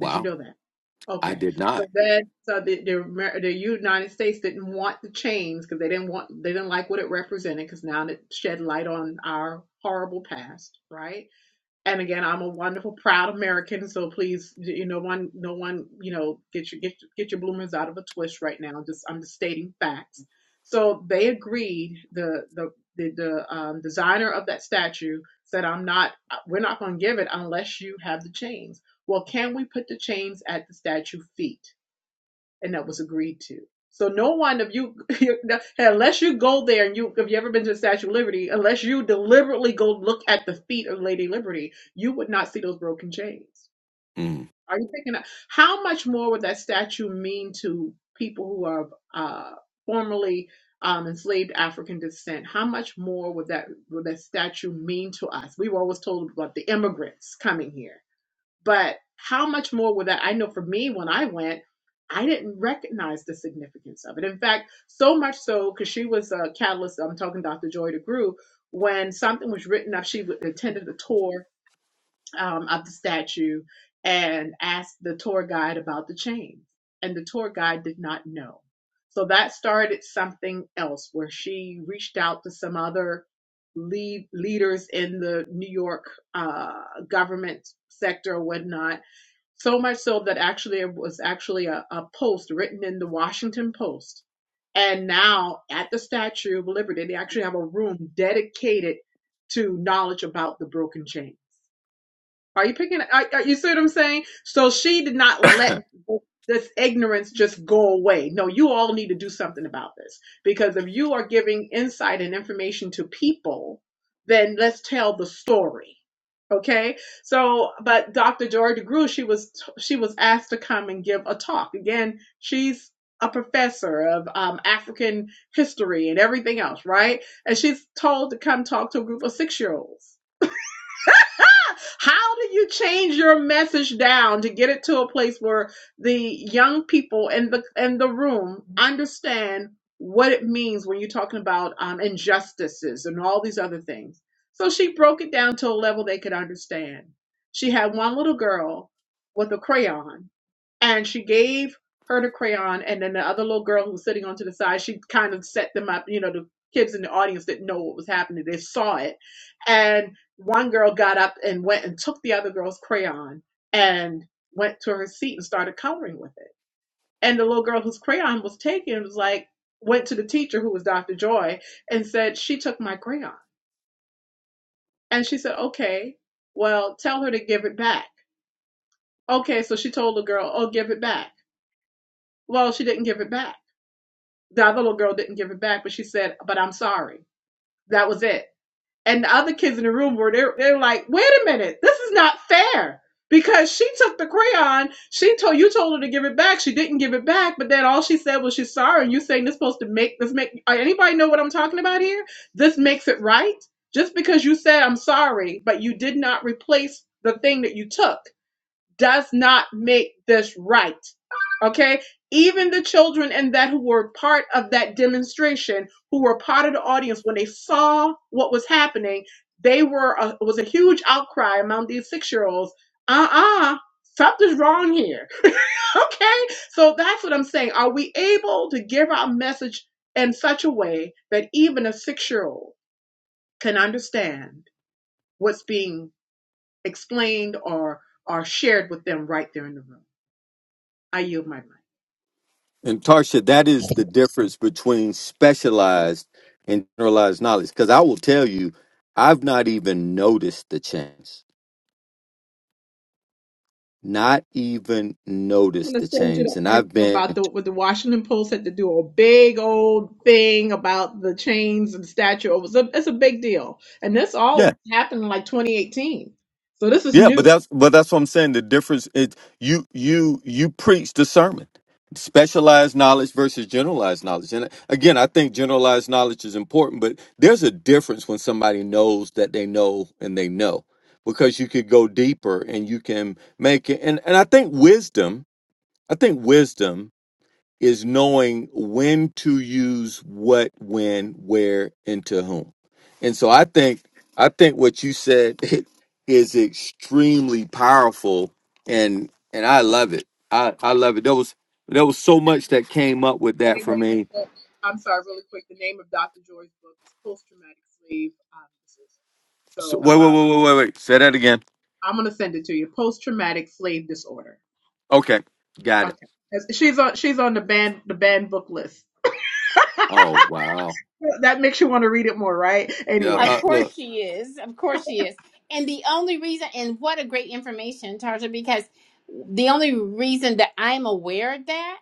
Did you know that? I Okay, did not. so that so the the, Amer- the United States didn't want the chains because they didn't want they didn't like what it represented because now it shed light on our horrible past, right? and again, I'm a wonderful, proud American. So please, you know, no one, no one, you know, get your get your- get your bloomers out of a twist right now. Just I'm just stating facts. So they agreed. The the the, the um, designer of that statue said, "I'm not. uh, We're not going to give it unless you have the chains." Well, can we put the chains at the statue feet? and that was agreed to. So no one of you, unless you go there and you, if you ever been to the Statue of Liberty, unless you deliberately go look at the feet of Lady Liberty, you would not see those broken chains. Mm. Are you thinking that, how much more would that statue mean to people who are uh, formerly um, enslaved African descent? How much more would that would that statue mean to us? We were always told about the immigrants coming here but how much more would that? I know for me, when I went, I didn't recognize the significance of it. In fact, so much so because she was a catalyst. I'm talking Dr. Joy DeGruy. When something was written up, she would- attended a tour um, of the statue and asked the tour guide about the chains, and the tour guide did not know. So that started something else where she reached out to some other lead leaders in the New York uh, government sector or whatnot so much so that actually it was actually a, a post written in the Washington Post. And now at the Statue of Liberty, they actually have a room dedicated to knowledge about the broken chain. Are you picking? I, I, you see what I'm saying? So she did not let this ignorance just go away. No, you all need to do something about this because if you are giving insight and information to people, then let's tell the story. Okay. So, but Dr. Joy DeGruy, she was she was asked to come and give a talk. Again, she's a professor of um, African history and everything else, right? And she's told to come talk to a group of six year olds how do you change your message down to get it to a place where the young people in the in the room understand what it means when you're talking about um, injustices and all these other things? So she broke it down to a level they could understand. She had one little girl with a crayon, and she gave her the crayon, and then the other little girl who was sitting on to the side, she kind of set them up. You know, the kids in the audience didn't know what was happening; they saw it, and one girl got up and went and took the other girl's crayon and went to her seat and started coloring with it. And the little girl whose crayon was taken was like, went to the teacher who was Dr. Joy and said, She took my crayon. And she said, Okay, well, tell her to give it back. Okay, so she told the girl, Oh, give it back. Well, she didn't give it back. The other little girl didn't give it back, but she said, But I'm sorry. That was it. And the other kids in the room were they're, they're like, wait a minute, this is not fair. Because she took the crayon, she told you told her to give it back. She didn't give it back, but then all she said was she's sorry. And you saying this supposed to make this make uh, anybody know what I'm talking about here? This makes it right just because you said I'm sorry, but you did not replace the thing that you took, does not make this right. Okay. Even the children and that who were part of that demonstration, who were part of the audience, when they saw what was happening, they were a, was a huge outcry among these six year olds. Uh uh, something's wrong here. okay. So that's what I'm saying. Are we able to give our message in such a way that even a six year old can understand what's being explained or or shared with them right there in the room? I yield my mic. and Tarsha, that is the difference between specialized and generalized knowledge. Because I will tell you, I've not even noticed the change. Not even I'm noticed gonna the send you the change, and I've article about been. the what the Washington Post had to do a big old thing about the chains and statue. It was a, it's a big deal, and this all happened in like 2018. So this is Yeah, but new. that's but that's what I'm saying. The difference is you you you preach the sermon, specialized knowledge versus generalized knowledge. And again, I think generalized knowledge is important, but there's a difference when somebody knows that they know and they know because you could go deeper and you can make it. And and I think wisdom, I think wisdom is knowing when to use what, when, where, and to whom. And so I think I think what you said is extremely powerful and and I love it. I, I love it. There was there was so And much that came up with the that name of for the me. book- I'm sorry, really quick. The name of Dr. Joy's book is Post Traumatic Slave um, Disorder. So So wait, wait, um, wait, wait, wait, wait. Say that again. I'm gonna send it to you. Post Traumatic Slave Disorder. Okay. Got Okay, it. That's- she's on she's on the banned the banned book list. Oh wow. That makes you want to read it more, right? Yeah, Anyway. Of uh, course look. she is. Of course she is. And the only reason, and what a great information, Tarsha, because the only reason that I'm aware of that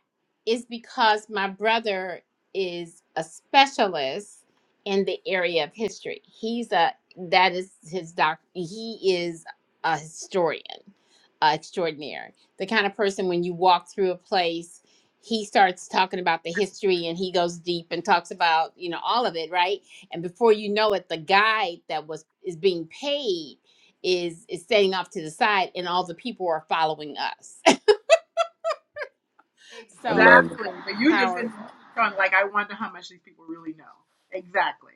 is because my brother is a specialist in the area of history. He's a, that is his doc, he is a historian uh, extraordinaire. The kind of person when you walk through a place, he starts talking about the history and he goes deep and talks about, you know, all of it, right? and before you know it the guide that was is being paid is is staying off to the side and all the people are following us I so love it. Exactly. But you just in powerful front, like I wonder how much these people really know. Exactly.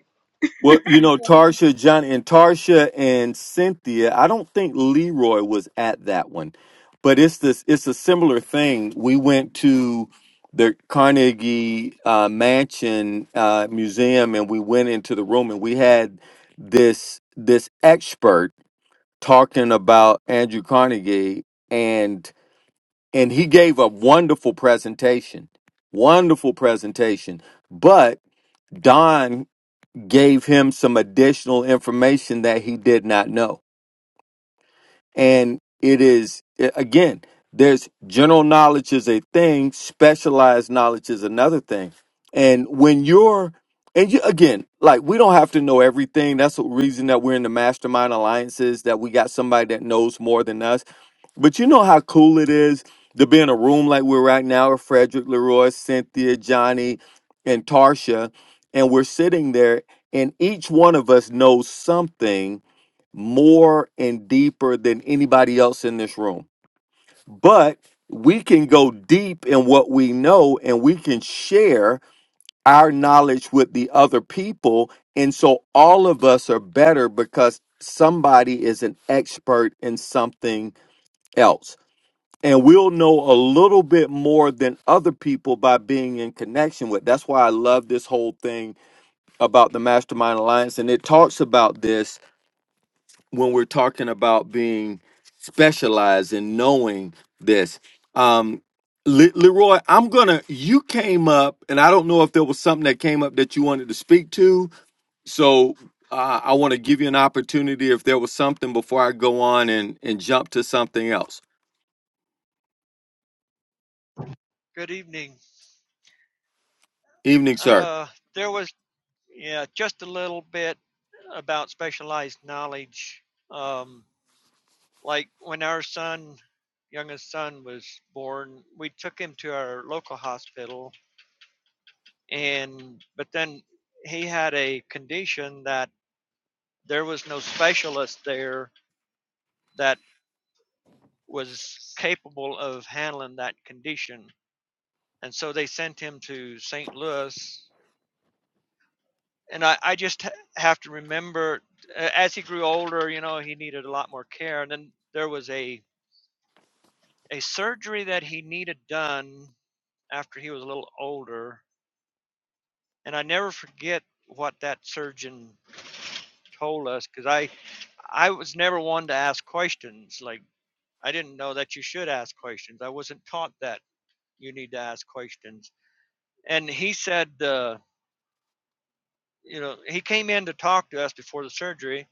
Well, you know, Well, Tarsha, John, and Tarsha and Cynthia. I don't think Leroy was at that one, but it's this. It's a similar thing. We went to the Carnegie uh, Mansion uh, Museum, and we went into the room, and we had this this expert talking about Andrew Carnegie, and and he gave a wonderful presentation, wonderful presentation, but. Don gave him some additional information that he did not know. And it is, again, there's general knowledge is a thing, specialized knowledge is another thing. And when you're, and you, again, like we don't have to know everything. That's the reason that we're in the mastermind alliances, that we got somebody that knows more than us but you know how cool it is to be in a room like we're right now with Frederick, Leroy, Cynthia, Johnny, and Tarsha, and we're sitting there, and each one of us knows something more and deeper than anybody else in this room. But we can go deep in what we know and we can share our knowledge with the other people. And so all of us are better because somebody is an expert in something else and we'll know a little bit more than other people by being in connection with. That's why I love this whole thing about the Mastermind Alliance, and it talks about this when we're talking about being specialized and knowing this. Um, Le- Leroy, I'm gonna. You came up, and I don't know if there was something that came up that you wanted to speak to. So uh, I want to give you an opportunity if there was something before I go on and and jump to something else. Good evening. Evening, sir. Uh, there was, yeah, just a little bit about specialized knowledge. Um, like when our son, youngest son, was born, we took him to our local hospital, and but then he had a condition that there was no specialist there that was capable of handling that condition, and so they sent him to St. Louis and I, I just have to remember uh, as he grew older, you know, he needed a lot more care. And then there was a, a surgery that he needed done after he was a little older. And I never forget what that surgeon told us because I, I was never one to ask questions. Like, I didn't know that you should ask questions. I wasn't taught that you need to ask questions. And he said, uh, you know, he came in to talk to us before the surgery.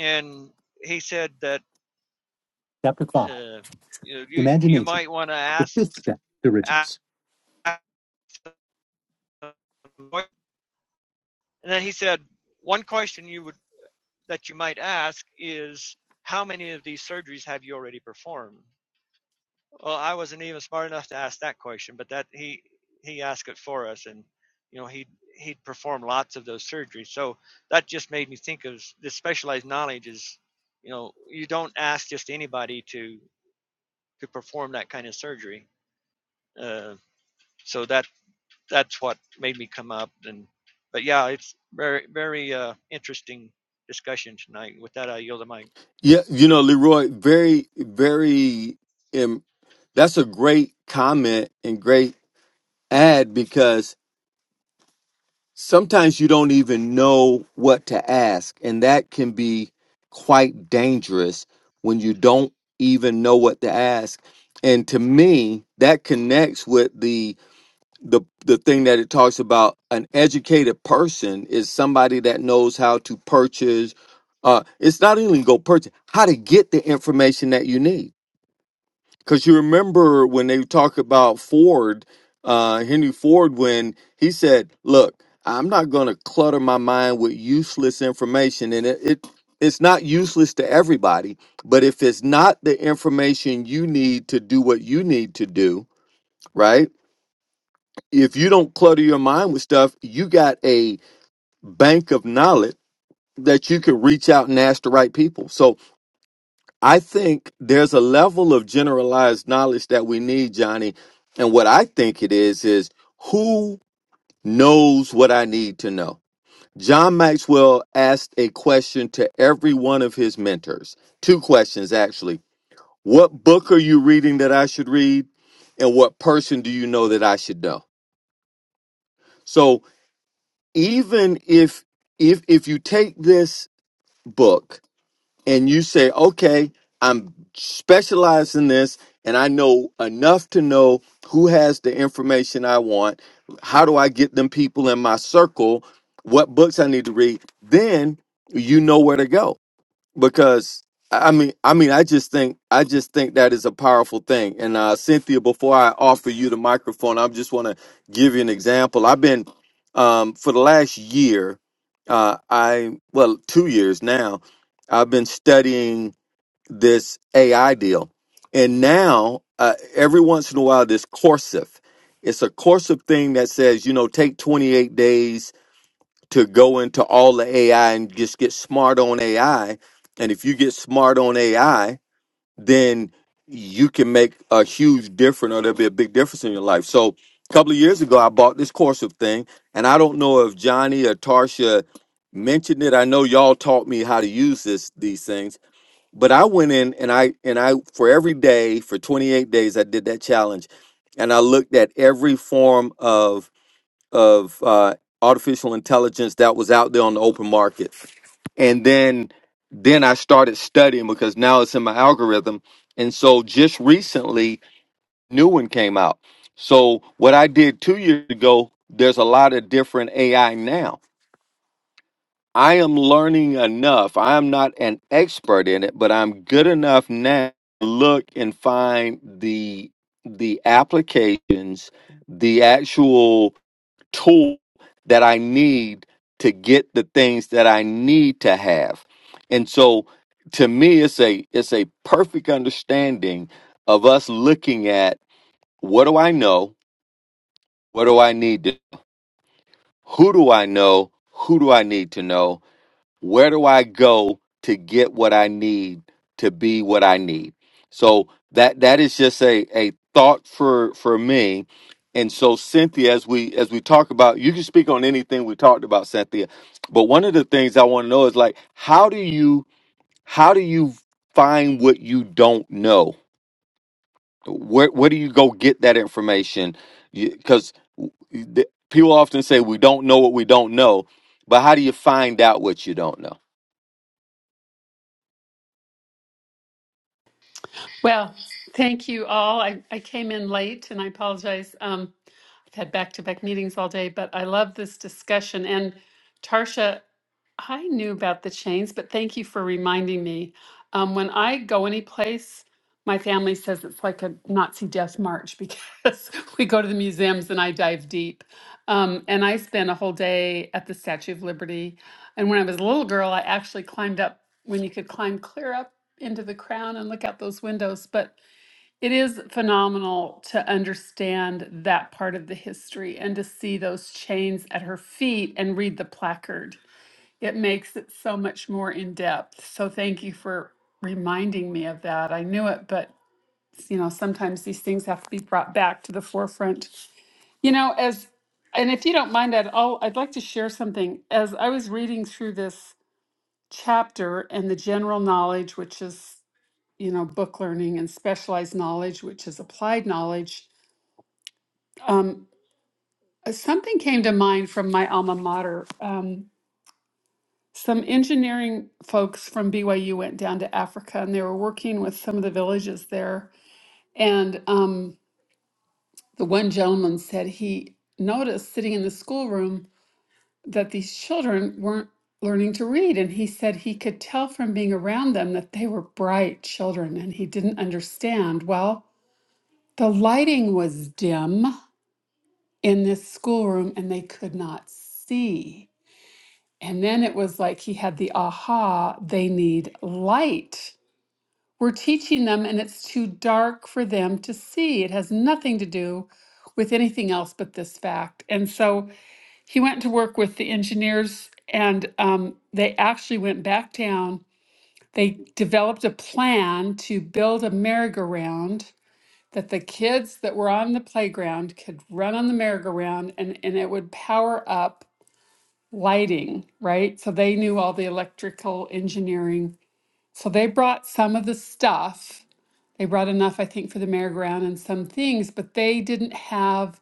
And he said that uh, you know, you you Imagination, might want to the ask, fifth step to ask riches. them. And then he said, one question you would that you might ask is, how many of these surgeries have you already performed? Well, I wasn't even smart enough to ask that question, but that he he asked it for us, and you know he he'd performed lots of those surgeries. So that just made me think of this specialized knowledge is, you know, you don't ask just anybody to to perform that kind of surgery. Uh, so that that's what made me come up and but yeah it's very very uh interesting discussion tonight with that i yield the mic Yeah, you know, Leroy, very, very. Um, that's a great comment and great ad because sometimes you don't even know what to ask, and that can be quite dangerous when you don't even know what to ask. And to me, that connects with the the the thing that it talks about an educated person is somebody that knows how to purchase uh it's not even go purchase how to get the information that you need because you remember when they talk about ford uh henry ford when he said look i'm not going to clutter my mind with useless information and it, it it's not useless to everybody but if it's not the information you need to do what you need to do right if you don't clutter your mind with stuff, you got a bank of knowledge that you can reach out and ask the right people. So I think there's a level of generalized knowledge that we need, Johnny. And what I think it is, is who knows what I need to know? John Maxwell asked a question to every one of his mentors. Two questions, actually. What book are you reading that I should read? And what person do you know that I should know? So even if if if you take this book and you say okay i'm specialized in this and i know enough to know who has the information i want how do i get them people in my circle what books i need to read then you know where to go because I I mean, I mean, I just think, I just think that is a powerful thing. And uh, Cynthia, before I offer you the microphone, I just want to give you an example. I've been um, for the last year, uh, I well, two years now, I've been studying this AI deal, and now uh, every once in a while, this Coursif, it's a Coursif thing that says, you know, take twenty eight days to go into all the AI and just get smart on AI. And if you get smart on AI, then you can make a huge difference or there'll be a big difference in your life. So a couple of years ago, I bought this Corsive thing, and I don't know if Johnny or Tarsha mentioned it. I know y'all taught me how to use this these things, but I went in and I and I for every day for 28 days I did that challenge, and I looked at every form of of uh, artificial intelligence that was out there on the open market, and then then I started studying because now it's in my algorithm, and so just recently, new one came out. So what I did two years ago, there's a lot of different AI now. I am learning enough. I am not an expert in it, but I'm good enough now to look and find the the applications, the actual tool that I need to get the things that I need to have. And so to me it's a it's a perfect understanding of us looking at what do I know? What do I need to who do I know? Who do I need to know? where do I go to get what I need to be what I need? So that that is just a a thought for for me. And so Cynthia, as we as we talk about, you can speak on anything we talked about, Cynthia. But one of the things I want to know is like, how do you how do you find what you don't know? Where where do you go get that information? Because people often say we don't know what we don't know, but how do you find out what you don't know? Well, thank you all. I, I came in late and I apologize. Um, I've had back to back meetings all day, but I love this discussion. And Tarsha, I knew about the chains, but thank you for reminding me. Um, when I go any place, my family says it's like a Nazi death march because we go to the museums and I dive deep. Um, and I spent a whole day at the Statue of Liberty. And when I was a little girl, I actually climbed up when you could climb clear up into the crown and look out those windows. But it is phenomenal to understand that part of the history and to see those chains at her feet and read the placard. It makes it so much more in depth. So thank you for reminding me of that. I knew it, but you know, sometimes these things have to be brought back to the forefront. You know, as and if you don't mind, I'd all I'd like to share something. As I was reading through this chapter and the general knowledge, which is you know, book learning and specialized knowledge, which is applied knowledge. Um, uh, something came to mind from my alma mater. Um, some engineering folks from BYU went down to Africa and they were working with some of the villages there. And um, the one gentleman said he noticed sitting in the schoolroom that these children weren't learning to read. And he said he could tell from being around them that they were bright children and he didn't understand. Well, the lighting was dim in this schoolroom and they could not see. And then it was like he had the aha, they need light. We're teaching them and it's too dark for them to see. It has nothing to do with anything else but this fact. And so he went to work with the engineers and um, they actually went back down. They developed a plan to build a merry-go-round that the kids that were on the playground could run on the merry-go-round and, and it would power up lighting, right? So they knew all the electrical engineering. So they brought some of the stuff. They brought enough, I think, for the merry-go-round and some things, but they didn't have,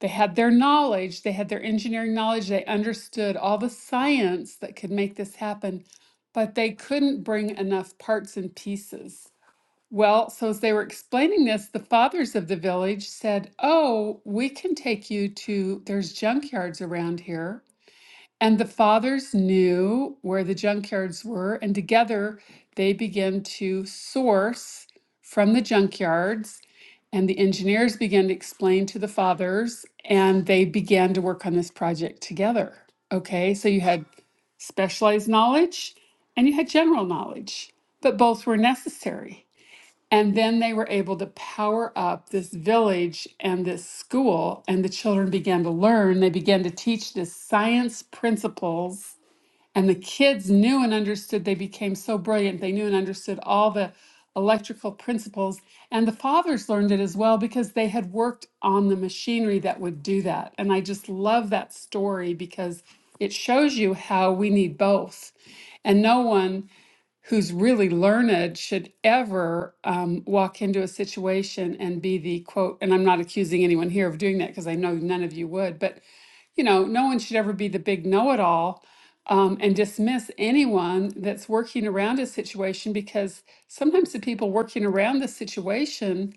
they had their knowledge, they had their engineering knowledge, they understood all the science that could make this happen, but they couldn't bring enough parts and pieces. Well, so as they were explaining this, the fathers of the village said, Oh, we can take you to, there's junkyards around here. And the fathers knew where the junkyards were, and together they began to source from the junkyards. And the engineers began to explain to the fathers, and they began to work on this project together. Okay, so you had specialized knowledge and you had general knowledge, but both were necessary. And then they were able to power up this village and this school, and the children began to learn. They began to teach this science principles, and the kids knew and understood. They became so brilliant. They knew and understood all the electrical principles. And the fathers learned it as well because they had worked on the machinery that would do that. And I just love that story because it shows you how we need both. And no one who's really learned should ever um, walk into a situation and be the quote, and I'm not accusing anyone here of doing that because I know none of you would, but you know, no one should ever be the big know it all um, and dismiss anyone that's working around a situation because sometimes the people working around the situation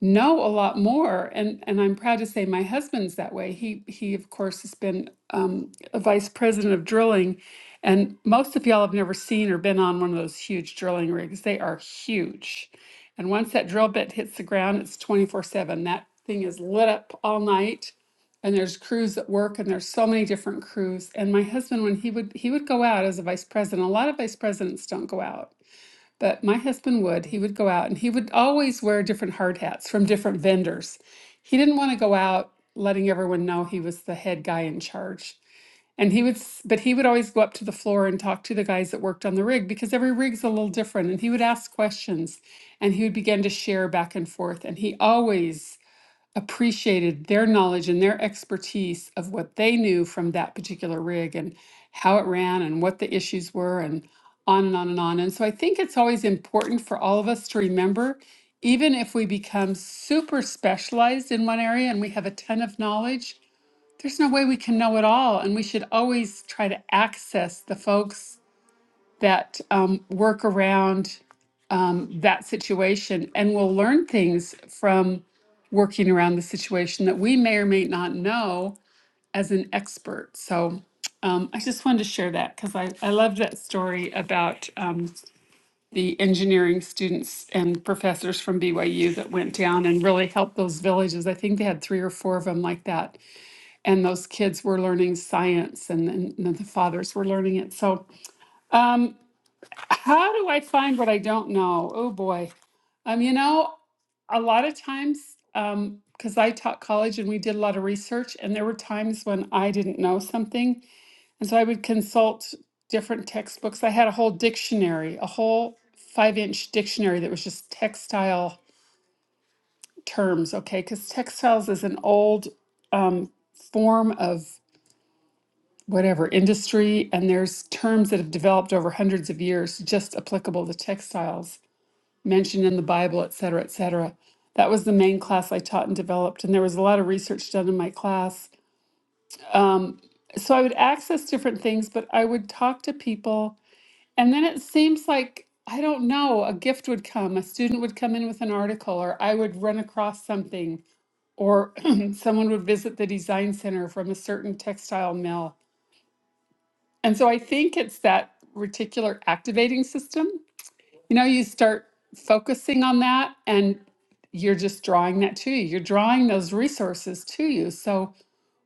know a lot more and and I'm proud to say my husband's that way. He he of course has been um, a vice president of drilling and most of y'all have never seen or been on one of those huge drilling rigs. They are huge. And once that drill bit hits the ground, it's 24/7. That thing is lit up all night and there's crews at work and there's so many different crews. And my husband when he would he would go out as a vice president, a lot of vice presidents don't go out but my husband would, he would go out and he would always wear different hard hats from different vendors. He didn't want to go out letting everyone know he was the head guy in charge. And he would, s- but he would always go up to the floor and talk to the guys that worked on the rig because every rig's a little different. And he would ask questions and he would begin to share back and forth. And he always appreciated their knowledge and their expertise of what they knew from that particular rig and how it ran and what the issues were and on and on and on. And so I think it's always important for all of us to remember, even if we become super specialized in one area and we have a ton of knowledge, there's no way we can know it all. And we should always try to access the folks that um, work around um, that situation and we'll learn things from working around the situation that we may or may not know as an expert. So um, I just wanted to share that because I, I love that story about um, the engineering students and professors from BYU that went down and really helped those villages. I think they had three or four of them like that. And those kids were learning science and, and, the fathers were learning it. So um, how do I find what I don't know? Oh boy. Um, you know, a lot of times, um, because I taught college and we did a lot of research, and there were times when I didn't know something. And so I would consult different textbooks. I had a whole dictionary, a whole five inch dictionary that was just textile terms, okay? Because textiles is an old um, form of whatever industry, and there's terms that have developed over hundreds of years just applicable to textiles. mentioned in the Bible, et cetera, et cetera. That was the main class I taught and developed, and there was a lot of research done in my class. Um, so I would access different things, but I would talk to people, and then it seems like I don't know, a gift would come, a student would come in with an article, or I would run across something, or someone would visit the design center from a certain textile mill. And so I think it's that reticular activating system You know, you start focusing on that and you're just drawing that to you. You're drawing those resources to you. So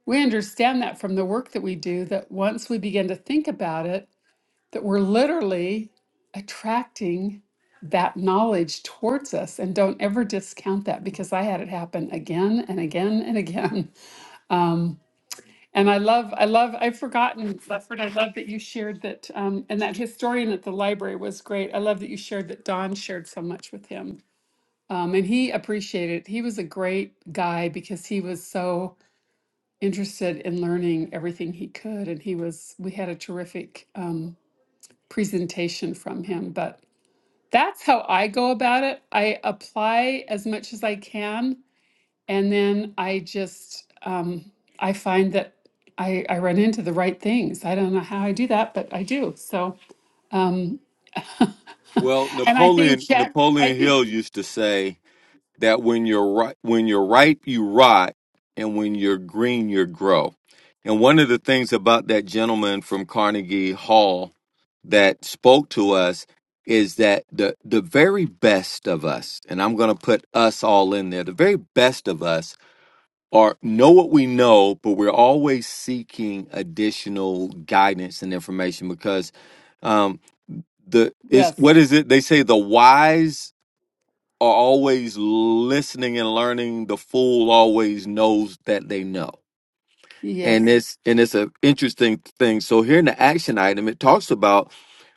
we understand that from the work that we do that once we begin to think about it, that we're literally attracting that knowledge towards us and don't ever discount that because I had it happen again and again and again. Um, and I love, I love, I've forgotten, Lefford, I love that you shared that, um, and that historian at the library was great. I love that you shared that Don shared so much with him. Um, and he appreciated, he was a great guy because he was so interested in learning everything he could. And he was, we had a terrific um, presentation from him. But that's how I go about it. I apply as much as I can and then I just, um, I find that I, I run into the right things. I don't know how I do that, but I do. So, um, Well, and I Napoleon think that, I Napoleon think, Hill used to say that when you're ri- when you're ripe you rot and when you're green you grow. And one of the things about that gentleman from Carnegie Hall that spoke to us is that the the very best of us, and I'm going to put us all in there, the very best of us are know what we know, but we're always seeking additional guidance and information because um, the is yes, what is it they say the wise are always listening and learning the fool always knows that they know and yes. it's and it's an interesting thing so here in the action item it talks about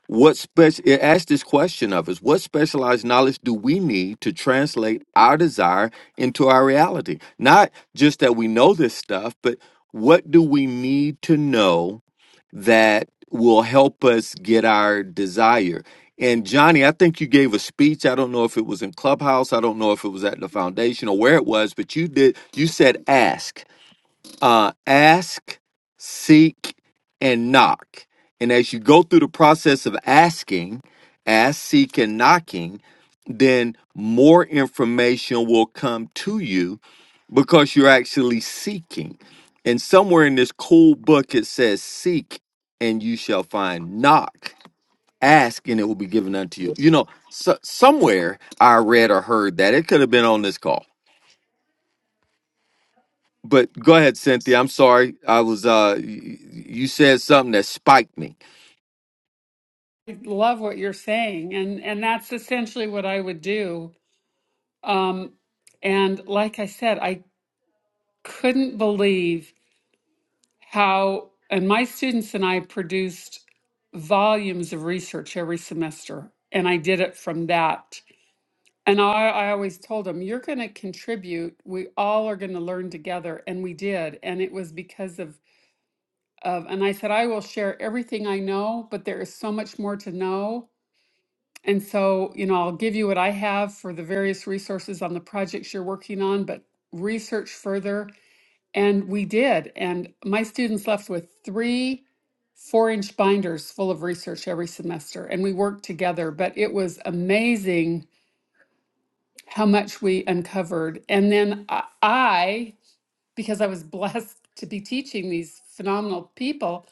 what special it asks this question of us what specialized knowledge do we need to translate our desire into our reality not just that we know this stuff but what do we need to know that will help us get our desire. And Johnny, I think you gave a speech. I don't know if it was in Clubhouse. I don't know if it was at the foundation or where it was, but you did. You said ask uh, ask, seek, and knock. And as you go through the process of asking, ask, seek, and knocking, then more information will come to you because you're actually seeking. And somewhere in this cool book, it says, Seek and you shall find, knock, ask, and it will be given unto you. You know, so, somewhere I read or heard that. It could have been on this call but go ahead, Cynthia. I'm sorry. I was uh y- you said something that spiked me. I love what you're saying. And, and that's essentially what I would do. Um, and like I said, I couldn't believe how, and my students and I produced volumes of research every semester. And I did it from that And I, I always told them, you're going to contribute. We all are going to learn together. And we did. And it was because of, of, and I said, I will share everything I know, but there is so much more to know. And so, you know, I'll give you what I have for the various resources on the projects you're working on, but research further. And we did. And my students left with three four inch binders full of research every semester. And we worked together, but it was amazing how much we uncovered. And then I, I, because I was blessed to be teaching these phenomenal people,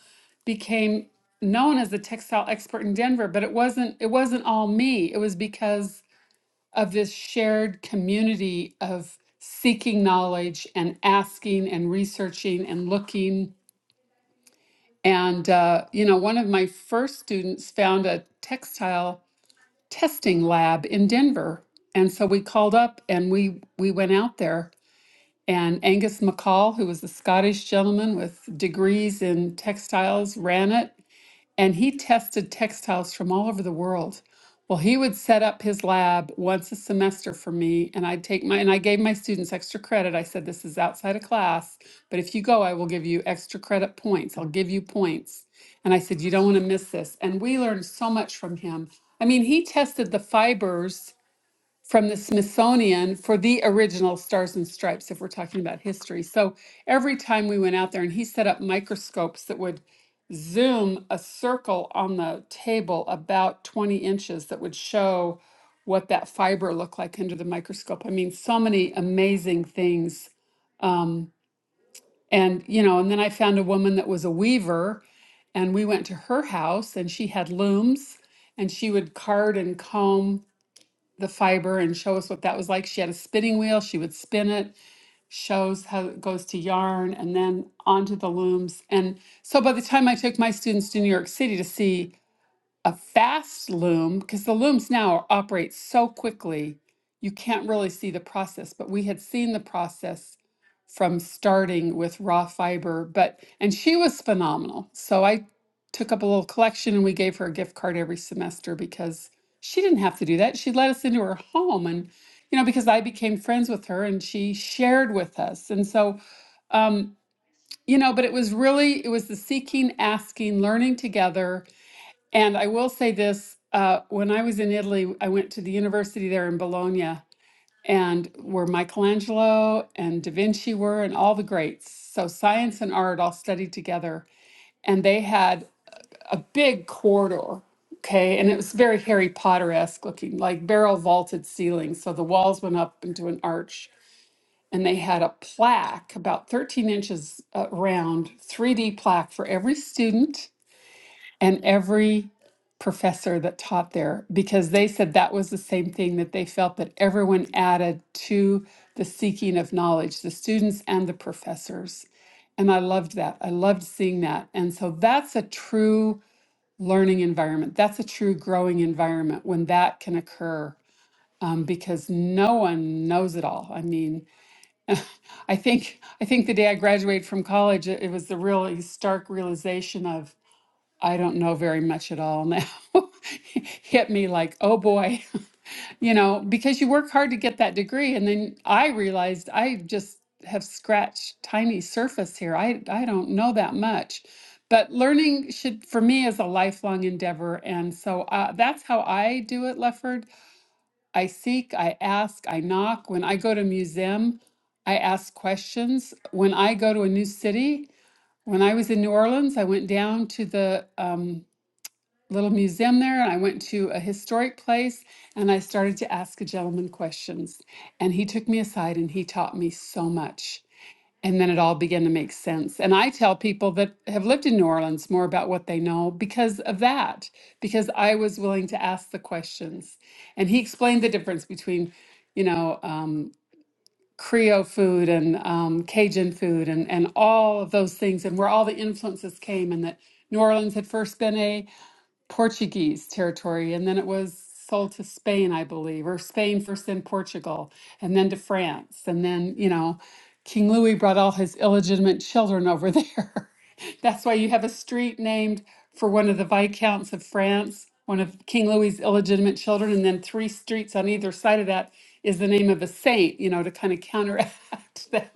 became known as the textile expert in Denver. But it wasn't it wasn't all me. It was because of this shared community of seeking knowledge and asking and researching and looking. And uh, you know, one of my first students found a textile testing lab in Denver. And so we called up and we we went out there And Angus McCall, who was a Scottish gentleman with degrees in textiles, ran it. And he tested textiles from all over the world. Well, he would set up his lab once a semester for me, and I'd take my, and I gave my students extra credit. I said, This is outside of class, but if you go, I will give you extra credit points. I'll give you points. And I said, You don't want to miss this. And we learned so much from him. I mean, he tested the fibers from the Smithsonian for the original Stars and Stripes, if we're talking about history. So every time we went out there, and he set up microscopes that would zoom a circle on the table about 20 inches that would show what that fiber looked like under the microscope. I mean, so many amazing things. Um, and, you know, and then I found a woman that was a weaver, and we went to her house, and she had looms, and she would card and comb the fiber and show us what that was like. She had a spinning wheel, she would spin it, shows how it goes to yarn and then onto the looms. And so by the time I took my students to New York City to see a fast loom because the looms now operate so quickly you can't really see the process but we had seen the process from starting with raw fiber but and she was phenomenal so i took up a little collection and we gave her a gift card every semester because she didn't have to do that she let us into her home and you know because i became friends with her and she shared with us and so um you know but it was really it was the seeking asking learning together and I will say this, uh, when I was in Italy, I went to the university there in Bologna and where Michelangelo and Da Vinci were and all the greats. So science and art all studied together. And they had a big corridor, okay? And it was very Harry Potter-esque looking, like barrel vaulted ceilings. So the walls went up into an arch. And they had a plaque about 13 inches uh, round, 3D plaque for every student and every professor that taught there because they said that was the same thing that they felt that everyone added to the seeking of knowledge, the students and the professors. And I loved that. I loved seeing that. And so that's a true learning environment. That's a true growing environment when that can occur. um, because no one knows it all. I mean, I think I think the day I graduated from college, it it was the really stark realization of I don't know very much at all now. Hit me like, oh boy, you know, because you work hard to get that degree. And then I realized I just have scratched tiny surface here. I, I don't know that much. But learning should, for me, is a lifelong endeavor. And so uh, that's how I do it, Lefford. I seek, I ask, I knock. When I go to a museum, I ask questions. When I go to a new city, when I was in New Orleans, I went down to the um, little museum there and I went to a historic place and I started to ask a gentleman questions. And he took me aside and he taught me so much. And then it all began to make sense. And I tell people that have lived in New Orleans more about what they know because of that, because I was willing to ask the questions. And he explained the difference between, you know, um, Creole food and um, Cajun food and, and all of those things and where all the influences came and that New Orleans had first been a Portuguese territory, and then it was sold to Spain, I believe, or Spain first, then Portugal, and then to France. And then, you know, King Louis brought all his illegitimate children over there. That's why you have a street named for one of the Viscounts of France, one of King Louis's illegitimate children, and then three streets on either side of that is the name of a saint, you know, to kind of counteract that.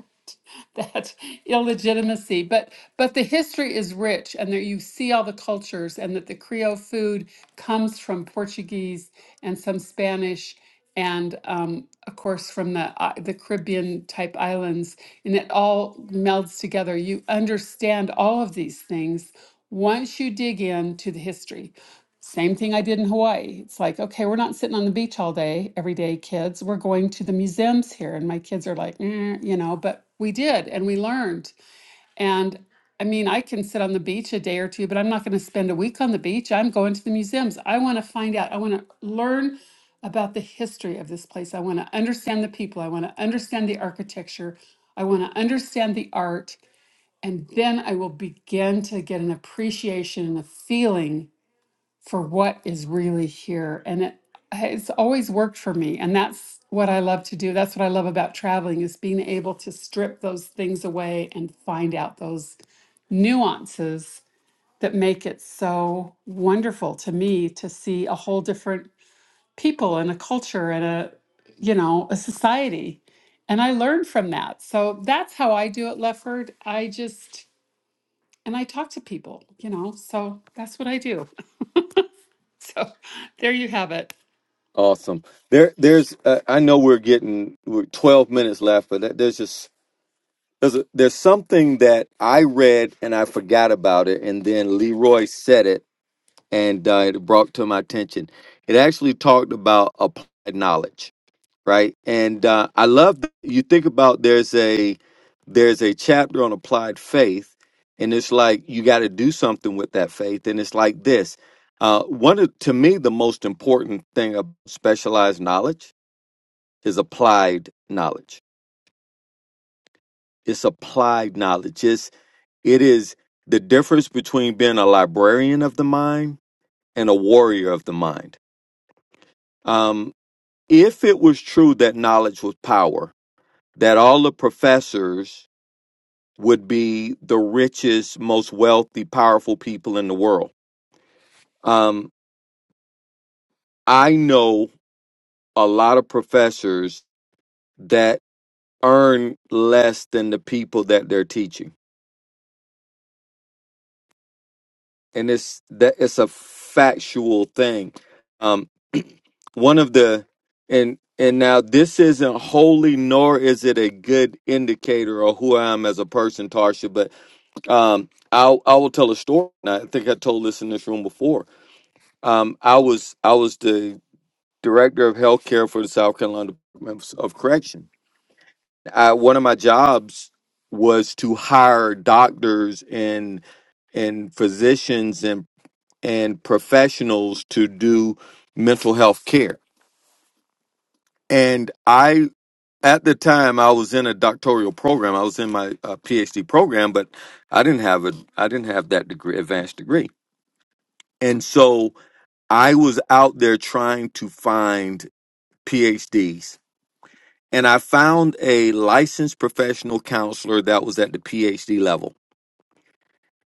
that illegitimacy. But but the history is rich, and that you see all the cultures, and that the Creole food comes from Portuguese and some Spanish, and um, of course from the I the Caribbean type islands, and it all melds together. You understand all of these things once you dig into the history. Same thing I did in Hawaii. It's like, okay, we're not sitting on the beach all day, every day, kids. We're going to the museums here. And my kids are like, "Eh," you know, but we did and we learned. And I mean, I can sit on the beach a day or two, but I'm not going to spend a week on the beach. I'm going to the museums. I want to find out, I want to learn about the history of this place. I want to understand the people. I want to understand the architecture. I want to understand the art. And then I will begin to get an appreciation and a feeling for what is really here and it it's always worked for me and that's what I love to do that's what I love about traveling is being able to strip those things away and find out those nuances that make it so wonderful to me to see a whole different people and a culture and a you know a society and I learn from that so that's how I do it Lefford I just and I talk to people you know so that's what I do so there you have it Awesome. There, there's. Uh, I know we're getting we're 12 minutes left, but that- there's just there's a, there's something that I read and I forgot about it, and then Leroy said it, and uh, it brought to my attention. It actually talked about applied knowledge. right? And uh, I love that you think about there's a there's a chapter on applied faith, and it's like you got to do something with that faith, and it's like this. Uh, one of, to me, the most important thing of specialized knowledge is applied knowledge. It's applied knowledge. It's it is the difference between being a librarian of the mind and a warrior of the mind. Um, if it was true that knowledge was power, that all the professors would be the richest, most wealthy, powerful people in the world. Um, I know a lot of professors that earn less than the people that they're teaching, and it's that it's a factual thing. Um, one of the and and now this isn't holy, nor is it a good indicator of who I am as a person, Tarsha. But um, i I will tell a story. and I think I told this in this room before Um, I was I was the director of healthcare for the South Carolina Department of Correction. I, one of my jobs was to hire doctors and and physicians and and professionals to do mental health care. And I at the time I was in a doctoral program. I was in my uh, PhD program, but I didn't have a I didn't have that degree, advanced degree. And so I was out there trying to find PhDs and I found a licensed professional counselor that was at the PhD level.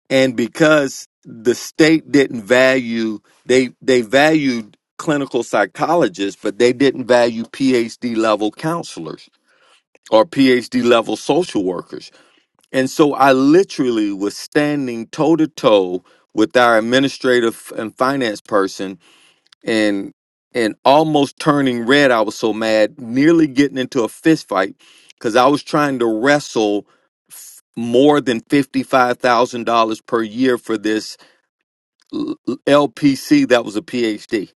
And because the state didn't value they they valued clinical psychologists, but they didn't value PhD level counselors or PhD level social workers. And so I literally was standing toe to toe with our administrative and finance person and and almost turning red. I was so mad, nearly getting into a fist fight because I was trying to wrestle f- more than fifty five thousand dollars per year for this l- LPC that was a PhD,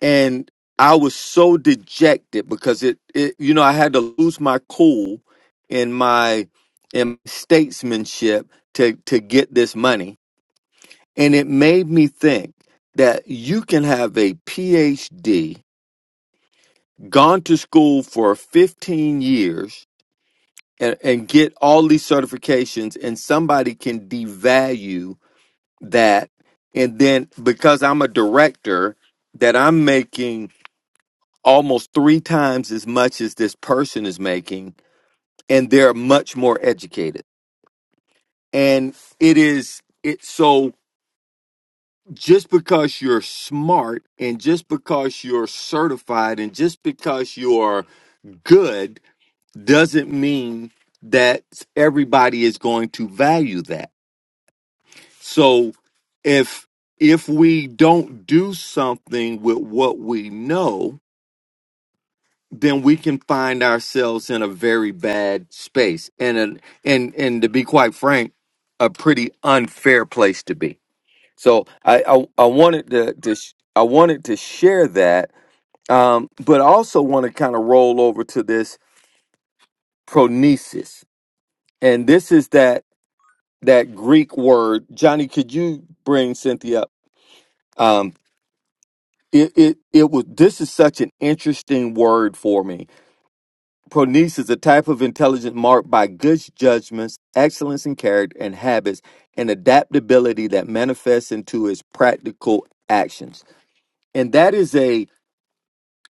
and I was so dejected because it, it you know I had to lose my cool in my in statesmanship to to get this money, and it made me think that you can have a PhD gone to school for 15 years and, and get all these certifications and somebody can devalue that and then because i'm a director that i'm making almost three times as much as this person is making and they're much more educated and it is it so just because you're smart and just because you're certified and just because you're good doesn't mean that everybody is going to value that. So if if we don't do something with what we know, then we can find ourselves in a very bad space and a, and and to be quite frank, a pretty unfair place to be. So I I, I wanted to, to sh- I wanted to share that, um, but I also want to kind of roll over to this pronesis, and this is that that Greek word. Johnny, could you bring Cynthia up? Um, it, it, it was, this is such an interesting word for me. Pronice is a type of intelligence marked by good judgments, excellence in character and habits, and adaptability that manifests into its practical actions. And that is a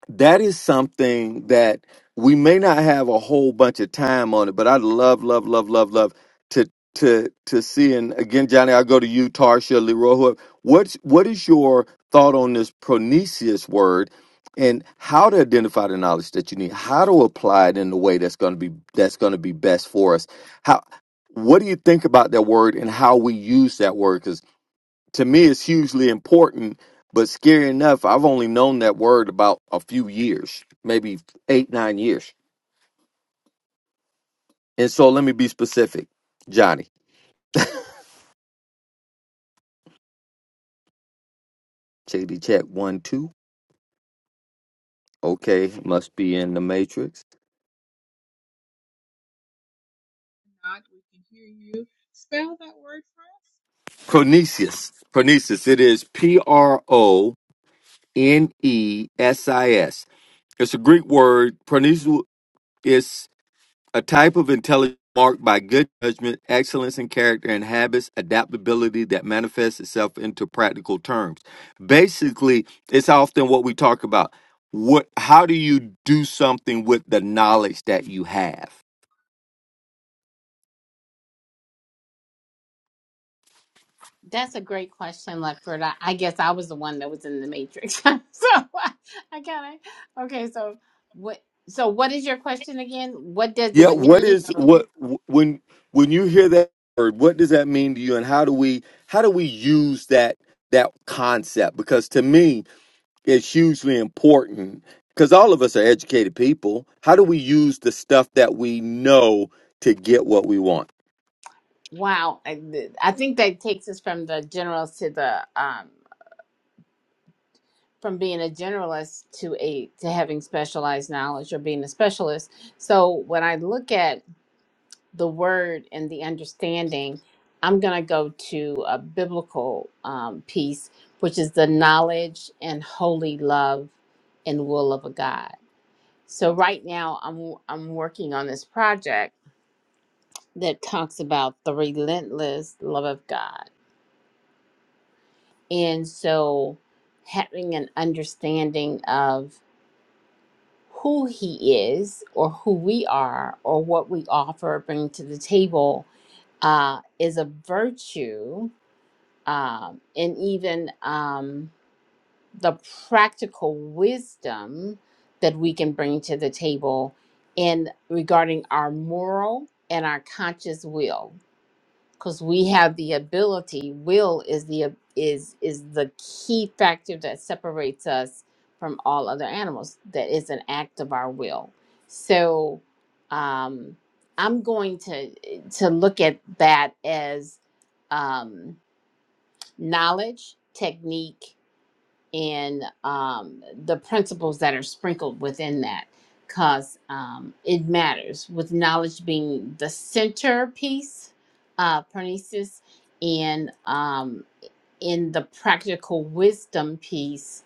that is something that we may not have a whole bunch of time on it, but I'd love, love, love, love, love to to to see. And again, Johnny, I'll go to you, Tarsha, Leroy. whoever. What's what is your thought on this pronesius word and how to identify the knowledge that you need, how to apply it in the way that's gonna be that's gonna be best for us. How what do you think about that word and how we use that word? to me it's hugely important but scary enough i've only known that word about a few years maybe eight nine years and so let me be specific johnny jd check one two okay must be in the matrix not we can hear you. Spell that word for pronesius pronesius it is p-r-o-n-e-s-i-s it's a greek word pronesius A type of intelligence marked by good judgment, excellence in character and habits, adaptability that manifests itself into practical terms. Basically, it's often what we talk about. What how do you do something with the knowledge that you have? that's a great question Lutford. I, I guess i was the one that was in the matrix so i, I kind of okay so what so what is your question again what does Yeah, it what mean is what when when you hear that word, what does that mean to you and how do we how do we use that that concept? Because to me, is hugely important because all of us are educated people. How do we use the stuff that we know to get what we want? wow i, I think that takes us from the generals to the um from being a generalist to a to having specialized knowledge or being a specialist. So when I look at the word and the understanding, I'm going to go to a biblical um, piece, which is the knowledge and holy love and will of a God. So right now, I'm I'm working on this project that talks about the relentless love of God, and so having an understanding of who he is or who we are or what we offer or bring to the table uh, is a virtue um, and even um, the practical wisdom that we can bring to the table in regarding our moral and our conscious will because we have the ability will is the is is the key factor that separates us from all other animals that is an act of our will so um i'm going to to look at that as um knowledge technique and um, the principles that are sprinkled within that because um, it matters with knowledge being the centerpiece uh parnesis and um in the practical wisdom piece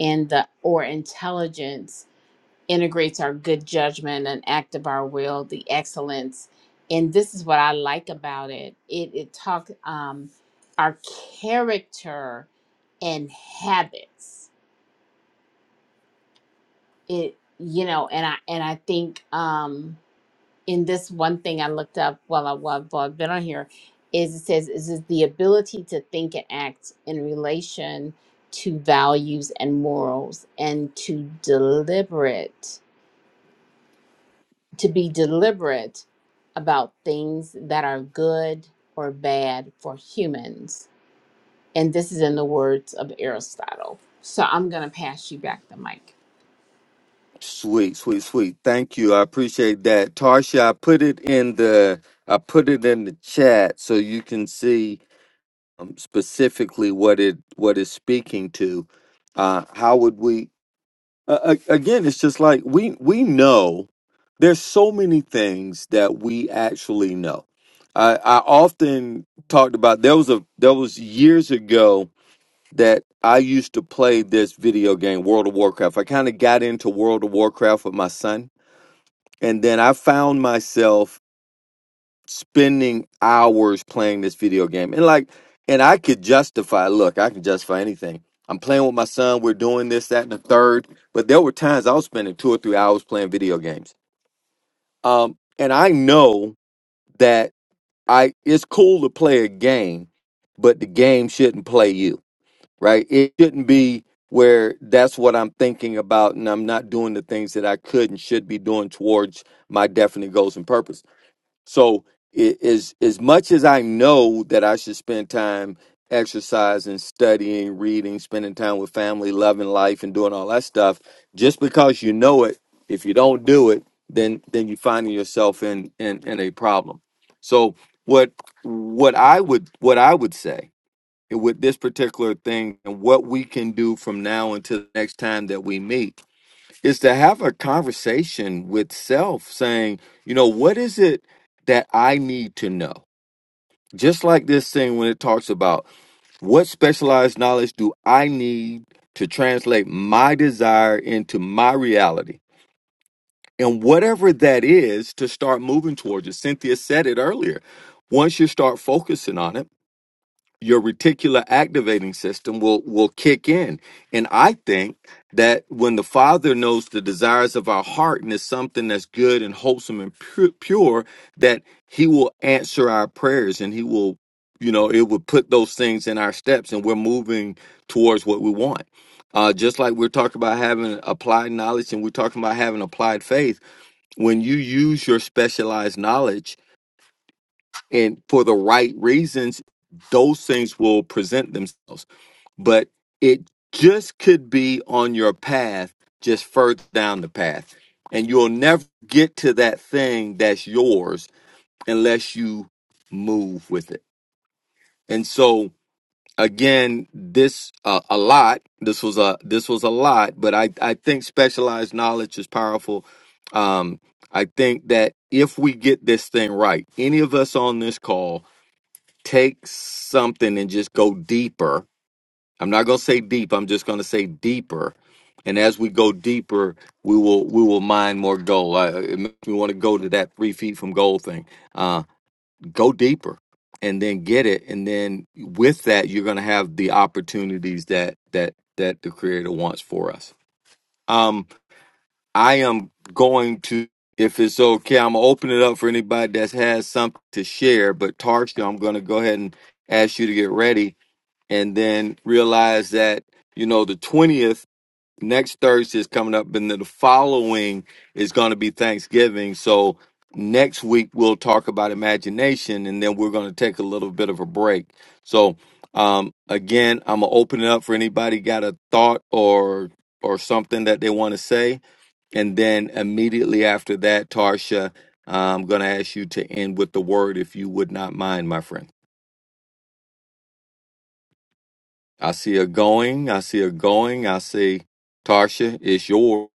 and the or intelligence integrates our good judgment and act of our will the excellence and this is what i like about it it it talks um our character and habits it you know and i and i think um in this one thing i looked up while, I, while i've been on here is it says is it the ability to think and act in relation to values and morals and to deliberate to be deliberate about things that are good or bad for humans and this is in the words of aristotle so i'm going to pass you back the mic Sweet, sweet, sweet. Thank you. I appreciate that. Tarsha, I put it in the I put it in the chat so you can see um, specifically what it what it's speaking to. Uh, how would we? uh, a- again it's just like we we know there's so many things that we actually know i i often talked about there was a there was years ago that i used to play this video game world of warcraft i kind of got into world of warcraft with my son and then i found myself spending hours playing this video game. And like, and I could justify, look, I can justify anything. I'm playing with my son, we're doing this, that, and the third. But there were times I was spending two or three hours playing video games. Um, and I know that I it's cool to play a game, but the game shouldn't play you, right? It shouldn't be where that's what I'm thinking about and I'm not doing the things that I could and should be doing towards my definite goals and purpose so i- as as much as I know that I should spend time exercising, studying, reading, spending time with family, loving life, and doing all that stuff, just because you know it, if you don't do it, then then you're finding yourself in in, in a problem. So what what I would what I would say with this particular thing and what we can do from now until the next time that we meet is to have a conversation with self saying, you know, what is it that I need to know? Just like this thing when it talks about what specialized knowledge do I need to translate my desire into my reality? And whatever that is to start moving towards it. Cynthia said it earlier. Once you start focusing on it, your reticular activating system will will kick in and i think that when the father knows the desires of our heart and it's something that's good and wholesome and pure, pure that he will answer our prayers and he will you know it will put those things in our steps and we're moving towards what we want uh, just like we're talking about having applied knowledge and we're talking about having applied faith when you use your specialized knowledge and for the right reasons, those things will present themselves. But it just could be on your path, just further down the path. And you'll never get to that thing that's yours unless you move with it. And so again, this uh, a lot. This was a this was a lot, but I I think specialized knowledge is powerful. Um, I think that if we get this thing right, any of us on this call, take something and just go deeper. I'm not going to say deep. I'm just going to say deeper. And as we go deeper, we will we will mine more gold. I, it makes me want to go to that three feet from gold thing. Uh, go deeper, and then get it. And then with that, you're going to have the opportunities that that that the Creator wants for us. Um, I am going to, if it's okay, I'm gonna open it up for anybody that has something to share. But Tarsha, I'm going to go ahead and ask you to get ready and then realize that you know the 20th next thursday is coming up and then the following is going to be thanksgiving so next week we'll talk about imagination and then we're going to take a little bit of a break so um, again i'm going to open it up for anybody got a thought or or something that they want to say and then immediately after that tarsha i'm going to ask you to end with the word if you would not mind my friend I see a going. I see a going. I see Tarsha, it's your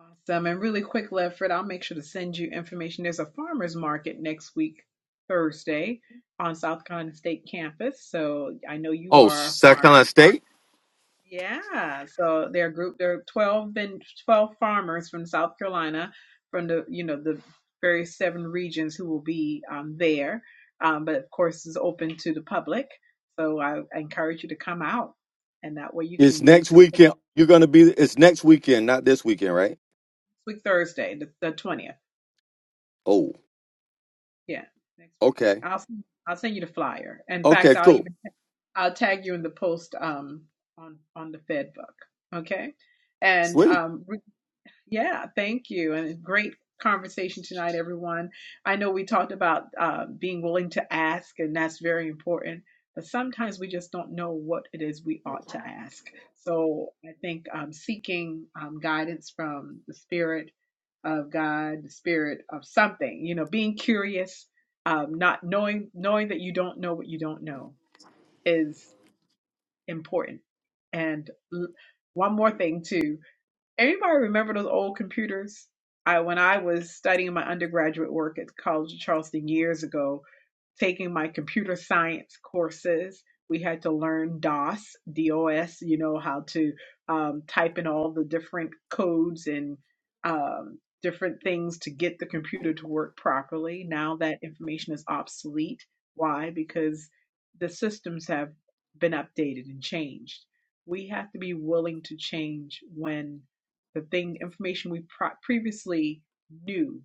us. Awesome. And really quick, Lefford, I'll make sure to send you information. There's a farmers market next week, Thursday, on South Carolina State campus. So I know you oh are a farmer. South Carolina State. Yeah, so they're a group. There are twelve been twelve farmers from South Carolina, from the you know the various seven regions who will be um, there. Um, but of course, it's open to the public. So I I encourage you to come out, and that way you It's can make next something weekend. You're gonna be. It's next weekend, not this weekend, right? next week Thursday, the the twentieth. Oh, Yeah, next week twentieth. okay, I'll send, I'll send you the flyer. In okay, fact, I'll cool, even I'll tag you in the post um on on the Fed book. Okay, and sweet. um, Yeah, thank you. And great conversation tonight, everyone. I know we talked about uh, being willing to ask, and that's very important. But sometimes we just don't know what it is we ought to ask. So I think um, seeking um, guidance from the Spirit of God, the Spirit of something, you know, being curious, um, not knowing, knowing that you don't know what you don't know is important. And l- one more thing, too. Everybody remember those old computers? I when I was studying my undergraduate work at the College of Charleston years ago, taking my computer science courses, we had to learn DOS, DOS. You know how to um, type in all the different codes and um, different things to get the computer to work properly. Now that information is obsolete. Why? Because the systems have been updated and changed. We have to be willing to change when the thing information we pro- previously knew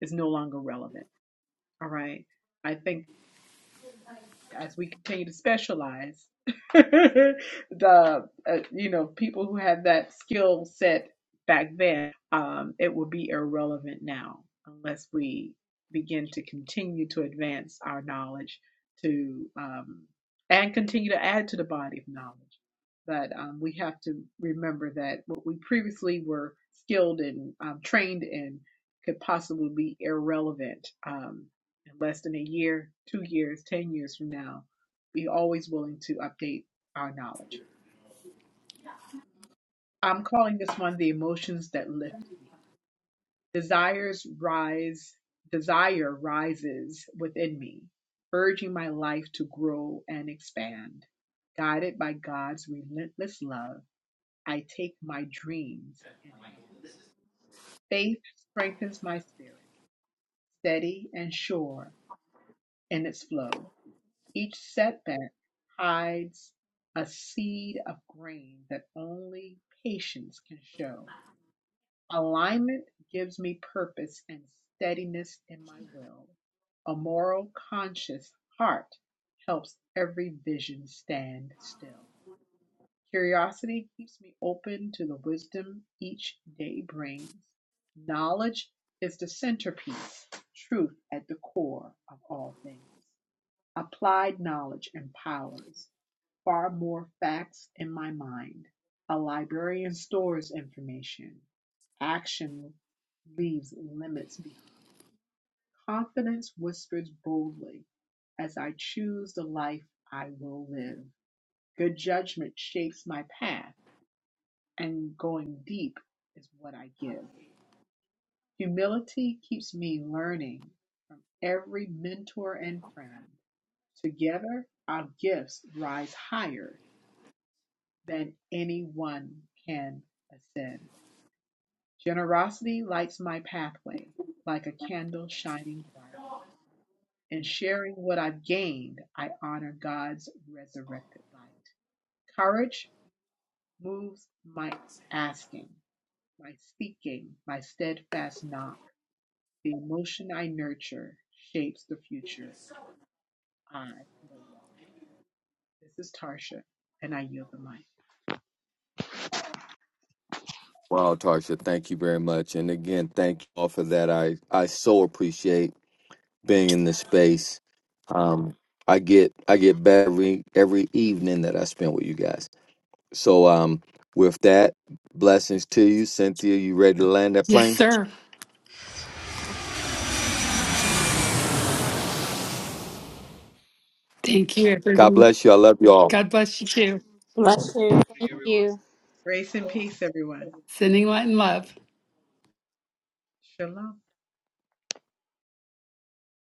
is no longer relevant all right i think as we continue to specialize the uh, you know people who have that skill set back then um, it will be irrelevant now unless we begin to continue to advance our knowledge to um, and continue to add to the body of knowledge but um, we have to remember that what we previously were skilled and um, trained in could possibly be irrelevant um, in less than a year, two years, 10 years from now, be always willing to update our knowledge. I'm calling this one the emotions that lift me. Desires rise, desire rises within me, urging my life to grow and expand. Guided by God's relentless love, I take my dreams in hand. Faith strengthens my spirit, steady and sure in its flow. Each setback hides a seed of grain that only patience can show. Alignment gives me purpose and steadiness in my will. A moral conscious heart helps every vision stand still. Curiosity keeps me open to the wisdom each day brings. Knowledge is the centerpiece, truth at the core of all things. Applied knowledge empowers; far more facts in my mind; a librarian stores information; action leaves limits behind. Confidence whispers boldly, as I choose the life I will live. Good judgment shapes my path, and going deep is what I give. Humility keeps me learning from every mentor and friend. Together, our gifts rise higher than anyone can ascend. Generosity lights my pathway like a candle shining bright. In sharing what I've gained, I honor God's resurrected light. Courage moves my asking, my speaking, my steadfast knock. The emotion I nurture shapes the future I will walk. This is Tarsha, and I yield the mic. Wow, Tarsha, thank you very much, and again, thank you all for that. I I so appreciate being in this space. Um, I get I get better every, every evening that I spend with you guys. So um, with that, blessings to you, Cynthia. You ready to land that Yes, plane? sir. Thank you, God everyone. bless you. I love you all. God bless you too. bless you Good evening, thank everyone you Grace and peace, everyone. Sending light and love. Shalom.